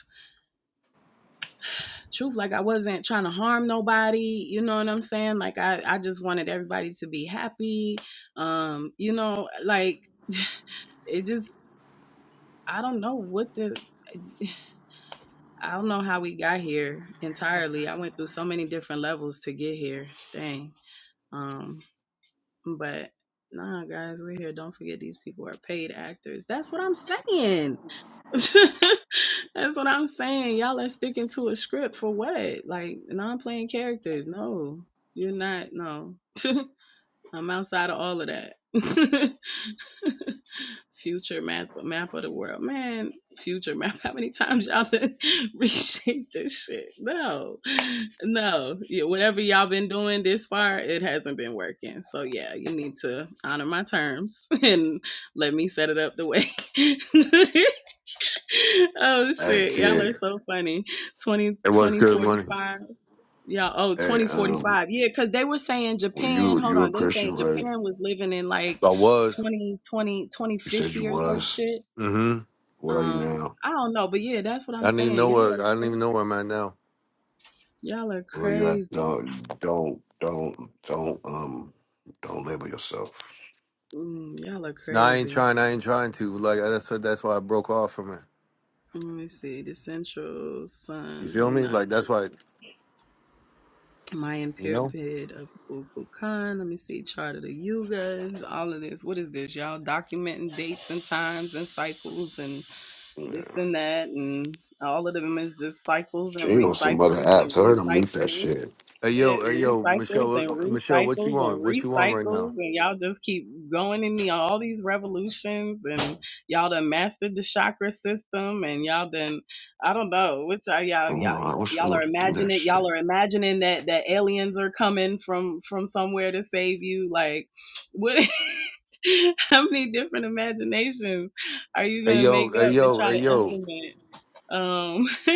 [SPEAKER 3] truth like i wasn't trying to harm nobody you know what i'm saying like i i just wanted everybody to be happy um you know like it just i don't know what the i don't know how we got here entirely i went through so many different levels to get here dang um but nah guys we're here don't forget these people are paid actors that's what i'm saying That's what I'm saying. Y'all are sticking to a script for what? Like non playing characters. No, you're not. No, I'm outside of all of that. future map, map of the world, man. Future map. How many times y'all been reshape this shit? No, no. Yeah, whatever y'all been doing this far, it hasn't been working. So yeah, you need to honor my terms and let me set it up the way oh
[SPEAKER 2] Hey
[SPEAKER 3] shit, y'all are
[SPEAKER 2] kid,
[SPEAKER 3] so funny. Twenty
[SPEAKER 4] It was
[SPEAKER 3] twenty
[SPEAKER 4] good money.
[SPEAKER 3] 2045. Y'all oh
[SPEAKER 2] hey
[SPEAKER 3] twenty
[SPEAKER 2] um,
[SPEAKER 3] forty-five. Yeah, cuz they were saying
[SPEAKER 2] well,
[SPEAKER 3] Japan,
[SPEAKER 2] you
[SPEAKER 3] hold
[SPEAKER 2] you a
[SPEAKER 3] on, they
[SPEAKER 2] Christian,
[SPEAKER 3] saying
[SPEAKER 2] right?
[SPEAKER 3] Japan was living in like
[SPEAKER 4] I was.
[SPEAKER 3] 2020 twenty
[SPEAKER 2] You said
[SPEAKER 3] fifty
[SPEAKER 2] you
[SPEAKER 3] or some
[SPEAKER 2] was.
[SPEAKER 3] shit.
[SPEAKER 4] mm hmm
[SPEAKER 2] What are you
[SPEAKER 3] Um
[SPEAKER 2] now?
[SPEAKER 3] I don't know, but yeah, that's what
[SPEAKER 4] I
[SPEAKER 3] I'm
[SPEAKER 4] didn't even
[SPEAKER 3] saying.
[SPEAKER 4] know
[SPEAKER 3] Y'all
[SPEAKER 4] where.
[SPEAKER 3] are
[SPEAKER 4] I didn't even know
[SPEAKER 3] crazy.
[SPEAKER 4] where I'm at now.
[SPEAKER 3] Y'all are
[SPEAKER 2] Well, you have,
[SPEAKER 3] crazy.
[SPEAKER 2] don't don't don't don't um don't label yourself.
[SPEAKER 3] Mm, y'all are
[SPEAKER 4] No, I ain't
[SPEAKER 3] crazy.
[SPEAKER 4] trying. I ain't trying to. Like that's what. That's why I broke off from it.
[SPEAKER 3] Let me see. The central
[SPEAKER 4] You
[SPEAKER 3] sun,
[SPEAKER 4] feel
[SPEAKER 3] who
[SPEAKER 4] me?
[SPEAKER 3] not?
[SPEAKER 4] Like that's why.
[SPEAKER 3] Mayan
[SPEAKER 4] You know.
[SPEAKER 3] pyramid of Kukulkan. Let me see chart of the yugas. All of this. What is this, y'all? Documenting dates and times and cycles and
[SPEAKER 2] Yeah.
[SPEAKER 3] this and that and all of them is just cycles and
[SPEAKER 2] She on some other
[SPEAKER 3] recycles and
[SPEAKER 2] apps. I heard to mute that
[SPEAKER 3] recycles.
[SPEAKER 2] shit.
[SPEAKER 4] Hey
[SPEAKER 3] It
[SPEAKER 4] yo. Hey yo.
[SPEAKER 3] recycles
[SPEAKER 4] Michelle.
[SPEAKER 3] and
[SPEAKER 4] what- Michelle. What you
[SPEAKER 3] recycles and
[SPEAKER 4] want? What you want right
[SPEAKER 3] recycles,
[SPEAKER 4] now?
[SPEAKER 3] and y'all just keep going in the all these revolutions, and y'all done mastered the chakra system, and y'all done I don't know which are y'all y'all
[SPEAKER 2] Oh, I wish I knew
[SPEAKER 3] y'all
[SPEAKER 2] how
[SPEAKER 3] are
[SPEAKER 2] to do that
[SPEAKER 3] imagining
[SPEAKER 2] shit.
[SPEAKER 3] y'all are imagining that that aliens are coming from from somewhere to save you. Like what? how many different imaginations are you
[SPEAKER 4] Hey
[SPEAKER 3] gonna
[SPEAKER 4] yo.
[SPEAKER 3] make
[SPEAKER 4] Hey
[SPEAKER 3] up and
[SPEAKER 4] yo.
[SPEAKER 3] try
[SPEAKER 4] Hey
[SPEAKER 3] to
[SPEAKER 4] yo.
[SPEAKER 3] implement? Um,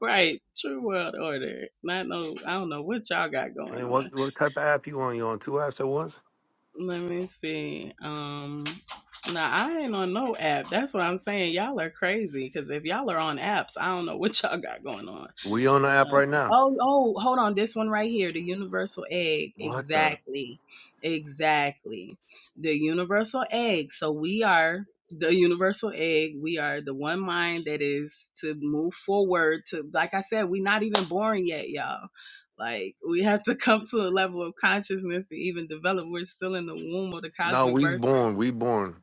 [SPEAKER 3] right, true world order. Not no, I don't know what y'all got going
[SPEAKER 4] Man,
[SPEAKER 3] on.
[SPEAKER 4] what what type of app you on? You on two apps at once?
[SPEAKER 3] Let me see. Um, now I ain't on no app. That's what I'm saying. Y'all are crazy because if y'all are on apps, I don't know what y'all got going on.
[SPEAKER 4] We on the app
[SPEAKER 3] Uh,
[SPEAKER 4] right now.
[SPEAKER 3] oh, oh, hold on. This one right here, the universal egg.
[SPEAKER 4] What the?
[SPEAKER 3] Exactly. Exactly. The universal egg. So we are the universal egg. We are the one mind that is to move forward to like I said, we're not even born yet, y'all. Like we have to come to a level of consciousness to even develop. We're still in the womb of the
[SPEAKER 4] No,
[SPEAKER 3] cosmic
[SPEAKER 4] we's
[SPEAKER 3] birth
[SPEAKER 4] born. We born.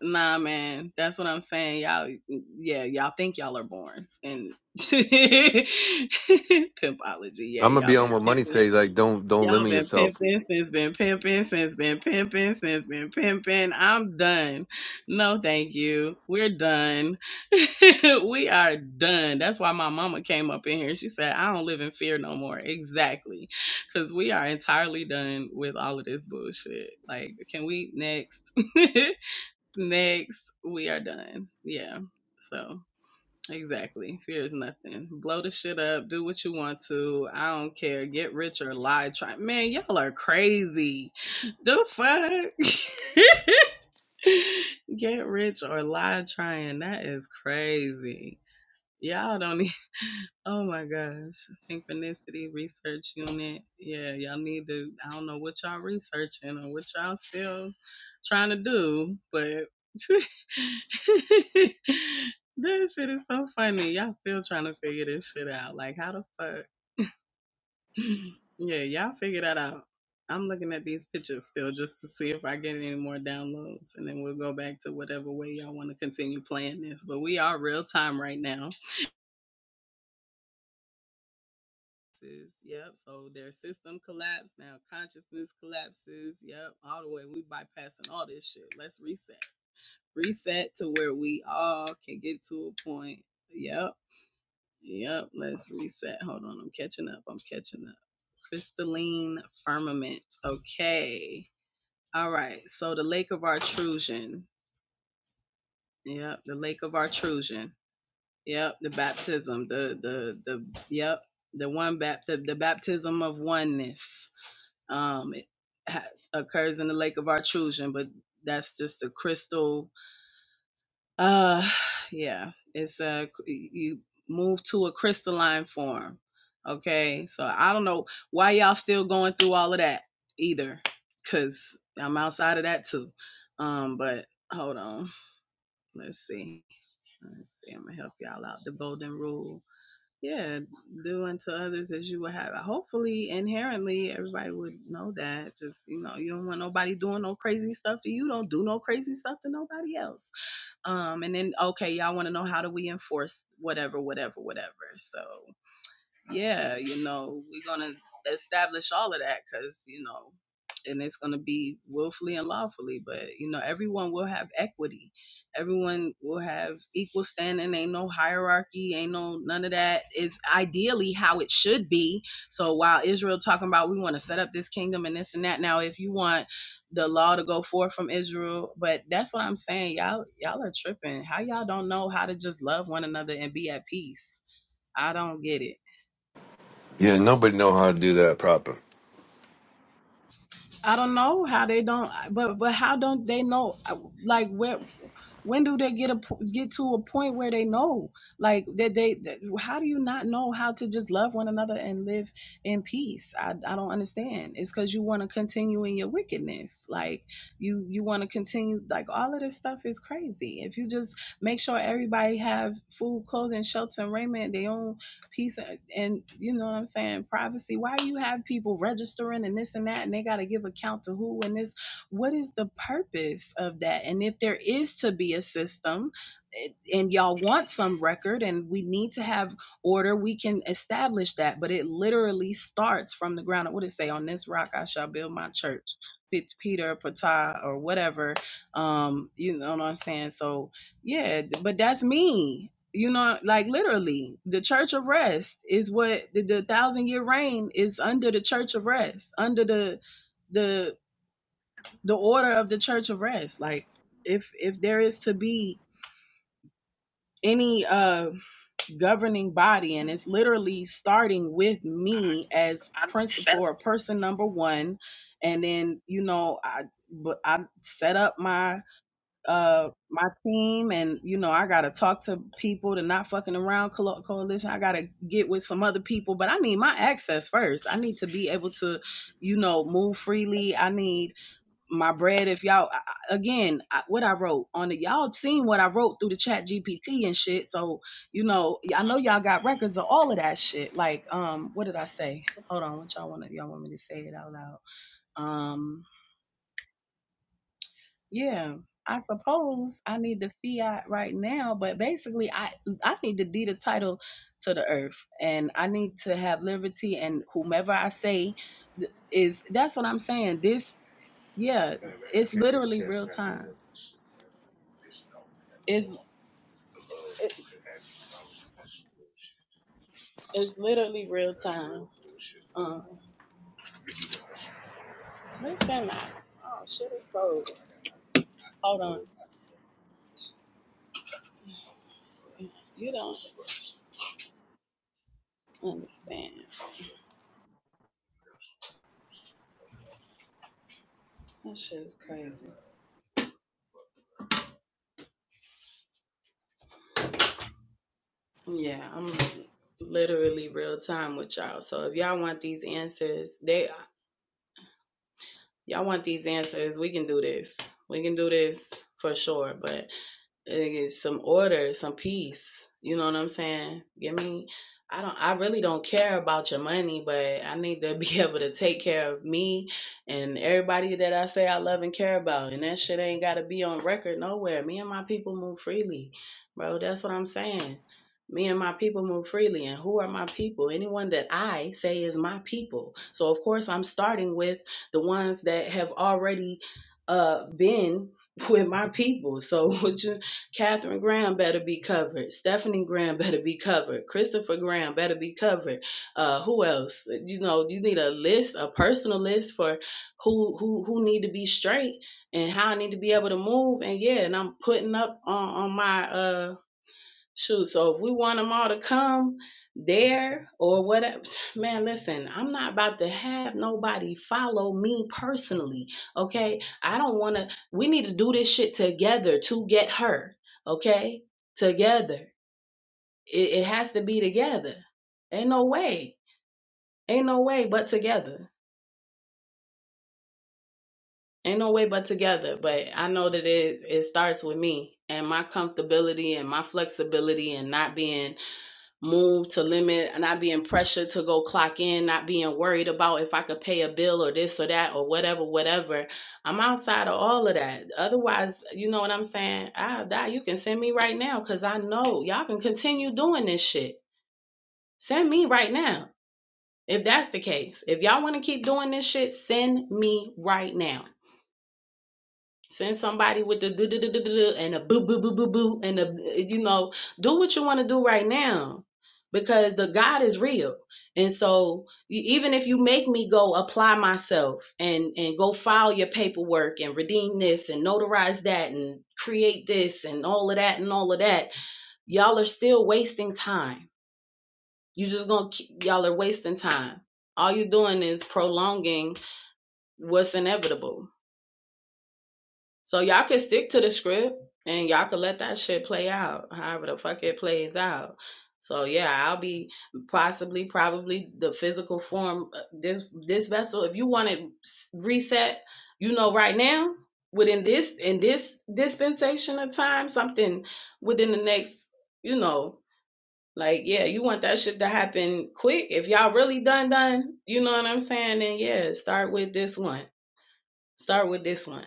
[SPEAKER 3] Nah, man, that's what I'm saying. Y'all, yeah, y'all think y'all are born and pimpology. Yeah,
[SPEAKER 4] I'm gonna
[SPEAKER 3] y'all
[SPEAKER 4] be on
[SPEAKER 3] been
[SPEAKER 4] what money
[SPEAKER 3] pimping.
[SPEAKER 4] say. Like don't don't
[SPEAKER 3] Y'all
[SPEAKER 4] limit
[SPEAKER 3] been
[SPEAKER 4] yourself.
[SPEAKER 3] pimping since been pimping since been pimping since been pimping. I'm done. No, thank you. We're done. we are done. That's why my mama came up in here. She said, "I don't live in fear no more." Exactly, because we are entirely done with all of this bullshit. Like, can we next? Next, we are done. Yeah. So exactly. Fear is nothing. Blow the shit up. Do what you want to. I don't care. Get rich or lie. Try. Man, y'all are crazy. The fuck. Get rich or lie trying. That is crazy. Y'all don't Oh my gosh, synchronicity research unit. Yeah, y'all need to. I don't know what y'all researching or what y'all still trying to do, but this shit is so funny. Y'all still trying to figure this shit out. Like, how the fuck? Yeah, y'all figure that out. I'm looking at these pictures still just to see if I get any more downloads, and then we'll go back to whatever way y'all want to continue playing this. But we are real time right now. collapses. Yep. So their system collapsed. Now consciousness collapses. Yep. All the way. We bypassing all this shit. Let's reset. Reset to where we all can get to a point. Yep. Yep. Let's reset. Hold on. I'm catching up. I'm catching up. Crystalline firmament. Okay. All right. So the lake of Artrusion. Yep. The lake of Artrusion. Yep. The baptism. The the the yep. The one bap the, the baptism of oneness. um, it ha- occurs in the lake of Artrusion, but that's just a crystal. Uh, yeah, it's a you move to a crystalline form. Okay, so I don't know why y'all still going through all of that either, cause I'm outside of that too. Um, but hold on, let's see, let's see. I'm gonna help y'all out. The golden rule. Yeah, do unto others as you would have. Hopefully, inherently, everybody would know that. Just you know, you don't want nobody doing no crazy stuff to you. Don't do no crazy stuff to nobody else. Um, and then okay, y'all want to know how do we enforce whatever, whatever, whatever. So yeah, you know, we're gonna establish all of that because you know, and it's gonna be willfully and lawfully. But you know, everyone will have equity. Everyone will have equal standing. Ain't no hierarchy. Ain't no none of that. Is ideally how it should be. So while Israel talking about we want to set up this kingdom and this and that. Now, if you want the law to go forth from Israel, but that's what I'm saying. Y'all, y'all are tripping. How y'all don't know how to just love one another and be at peace? I don't get it.
[SPEAKER 4] Yeah, nobody know how to do that proper.
[SPEAKER 3] I don't know how they don't, but but how don't they know? Like where when do they get a get to a point where they know, like that they, that- How do you not know how to just love one another and live in peace? I I don't understand. It's because you want to continue in your wickedness. Like you you want to continue. Like all of this stuff is crazy. If you just make sure everybody have food, clothing, shelter, and raiment, their own peace, and and, you know what I'm saying, privacy. Why do you have people registering and this and that, and they got to give account to who and this? what is the purpose of that? And if there is to be a system and y'all want some record and we need to have order, we can establish that. But it literally starts from the ground. What did it say? On this rock I shall build my church. Peter, Patah, or whatever. Um, you know what I'm saying? So yeah, but that's me. You know, like literally, the Church of Rest is what the, the thousand year reign is under the Church of Rest, under the the the order of the church of rest like if if there is to be any uh governing body and it's literally starting with me as principal or person number one and then you know i but i set up my uh my team and you know i gotta talk to people to not fucking around coal- coalition i gotta get with some other people but i need my access first i need to be able to you know move freely i need my bread if y'all I- again I, what i wrote on the y'all seen what i wrote through the chat gpt and shit so you know i know y'all got records of all of that shit like um what did i say hold on what y'all want to y'all want me to say it out loud um yeah i suppose i need the fiat right now but basically i i need to deed a title to the earth and i need to have liberty and whomever i say th- is that's what i'm saying this yeah, it's literally real time. It's it, it's literally real time. Um, where's that map? Oh shit, it's closed. Hold on. You don't understand. That shit is crazy. Yeah, I'm literally real time with y'all. So if y'all want these answers, they y'all want these answers, we can do this. We can do this for sure. But and some order, some peace. You know what I'm saying? Give me. I don't. I really don't care about your money, but I need to be able to take care of me and everybody that I say I love and care about. And that shit ain't got to be on record nowhere. Me and my people move freely, bro. That's what I'm saying. Me and my people move freely. And who are my people? Anyone that I say is my people. So of course I'm starting with the ones that have already uh been with my people. So what you Catherine Graham better be covered. Stephanie Graham better be covered. Christopher Graham better be covered. Uh, who else? You know, you need a list, a personal list for who who who need to be straight and how I need to be able to move. And yeah, and I'm putting up on on my uh Shoot, so if we want them all to come there or whatever, man, listen, I'm not about to have nobody follow me personally, okay? I don't want to, we need to do this shit together to get her, okay? Together. It, it has to be together. Ain't no way. Ain't no way but together. Ain't no way but together. But I know that it, it starts with me and my comfortability and my flexibility and not being move to limit not being pressured to go clock in not being worried about if i could pay a bill or this or that or whatever whatever i'm outside of all of that otherwise you know what i'm saying i'll die you can send me right now because i know y'all can continue doing this shit send me right now if that's the case if y'all want to keep doing this shit send me right now Send somebody with the do do do do do and a boo boo boo boo boo and a you know do what you want to do right now because the God is real. And so e- even if you make me go apply myself and and go file your paperwork and redeem this and notarize that and create this and all of that and all of that, y'all are still wasting time. You just gonna keep, y'all are wasting time. All you're doing is prolonging what's inevitable. So y'all can stick to the script and y'all can let that shit play out however the fuck it plays out. So yeah, I'll be possibly probably the physical form uh, this this vessel if you want it reset, you know right now within this in this dispensation of time something within the next, you know, like yeah, you want that shit to happen quick. If y'all really done done, you know what I'm saying? Then yeah, start with this one. Start with this one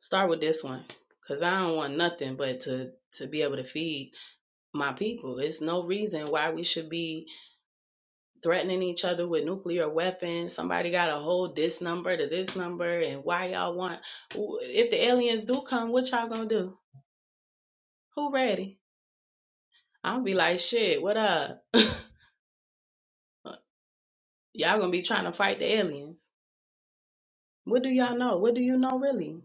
[SPEAKER 3] Start with this one, cause I don't want nothing but to to be able to feed my people. It's no reason why we should be threatening each other with nuclear weapons. Somebody got to hold this number to this number, and why y'all want? If the aliens do come, what y'all gonna do? Who ready? I'll be like, shit. What up? y'all gonna be trying to fight the aliens. What do y'all know? What do you know really?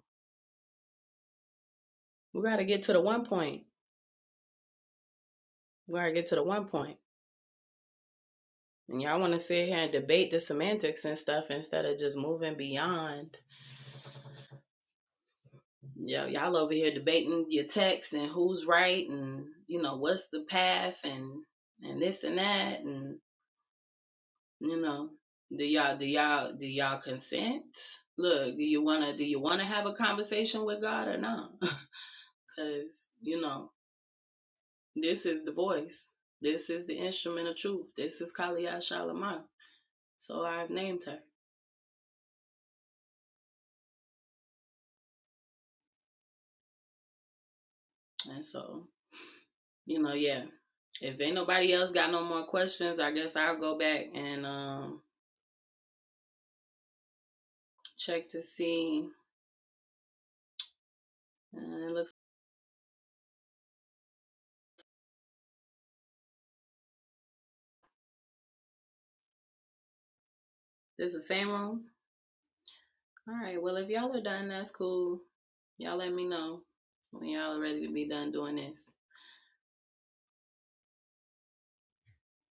[SPEAKER 3] We gotta get to the one point. We gotta get to the one point. And y'all want to sit here and debate the semantics and stuff instead of just moving beyond. Yo, y'all over here debating your text and who's right and you know what's the path and and this and that and you know do y'all do y'all do y'all consent? Look, do you wanna do you wanna have a conversation with God or not? Cause you know this is the voice, this is the instrument of truth, this is Kaliyah Shalamar. So I've named her, and so. you know, yeah. If ain't nobody else got no more questions, I guess I'll go back and um check to see. Uh, it looks this is the same room. All right. Well, if y'all are done, that's cool. Y'all let me know when y'all are ready to be done doing this.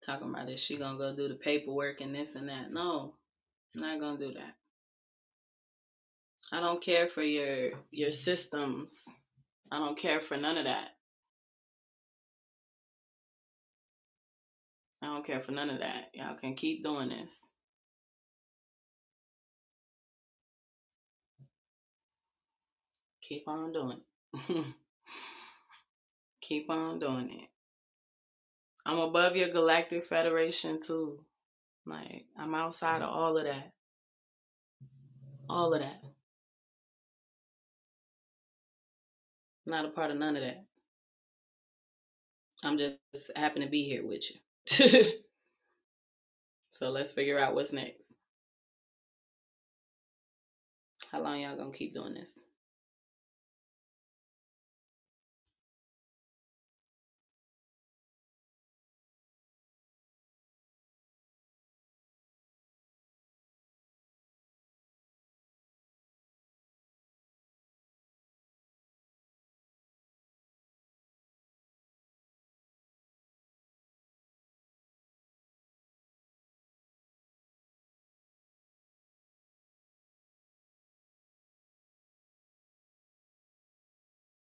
[SPEAKER 3] Talking about this, she gonna go do the paperwork and this and that. No, I'm not gonna do that. I don't care for your your systems. I don't care for none of that. I don't care for none of that. Y'all can keep doing this. Keep on doing. it. Keep on doing it. I'm above your galactic federation too. Like I'm outside of all of that. All of that. Not a part of none of that. I'm just happen to be here with you. so let's figure out what's next. How long y'all gonna keep doing this?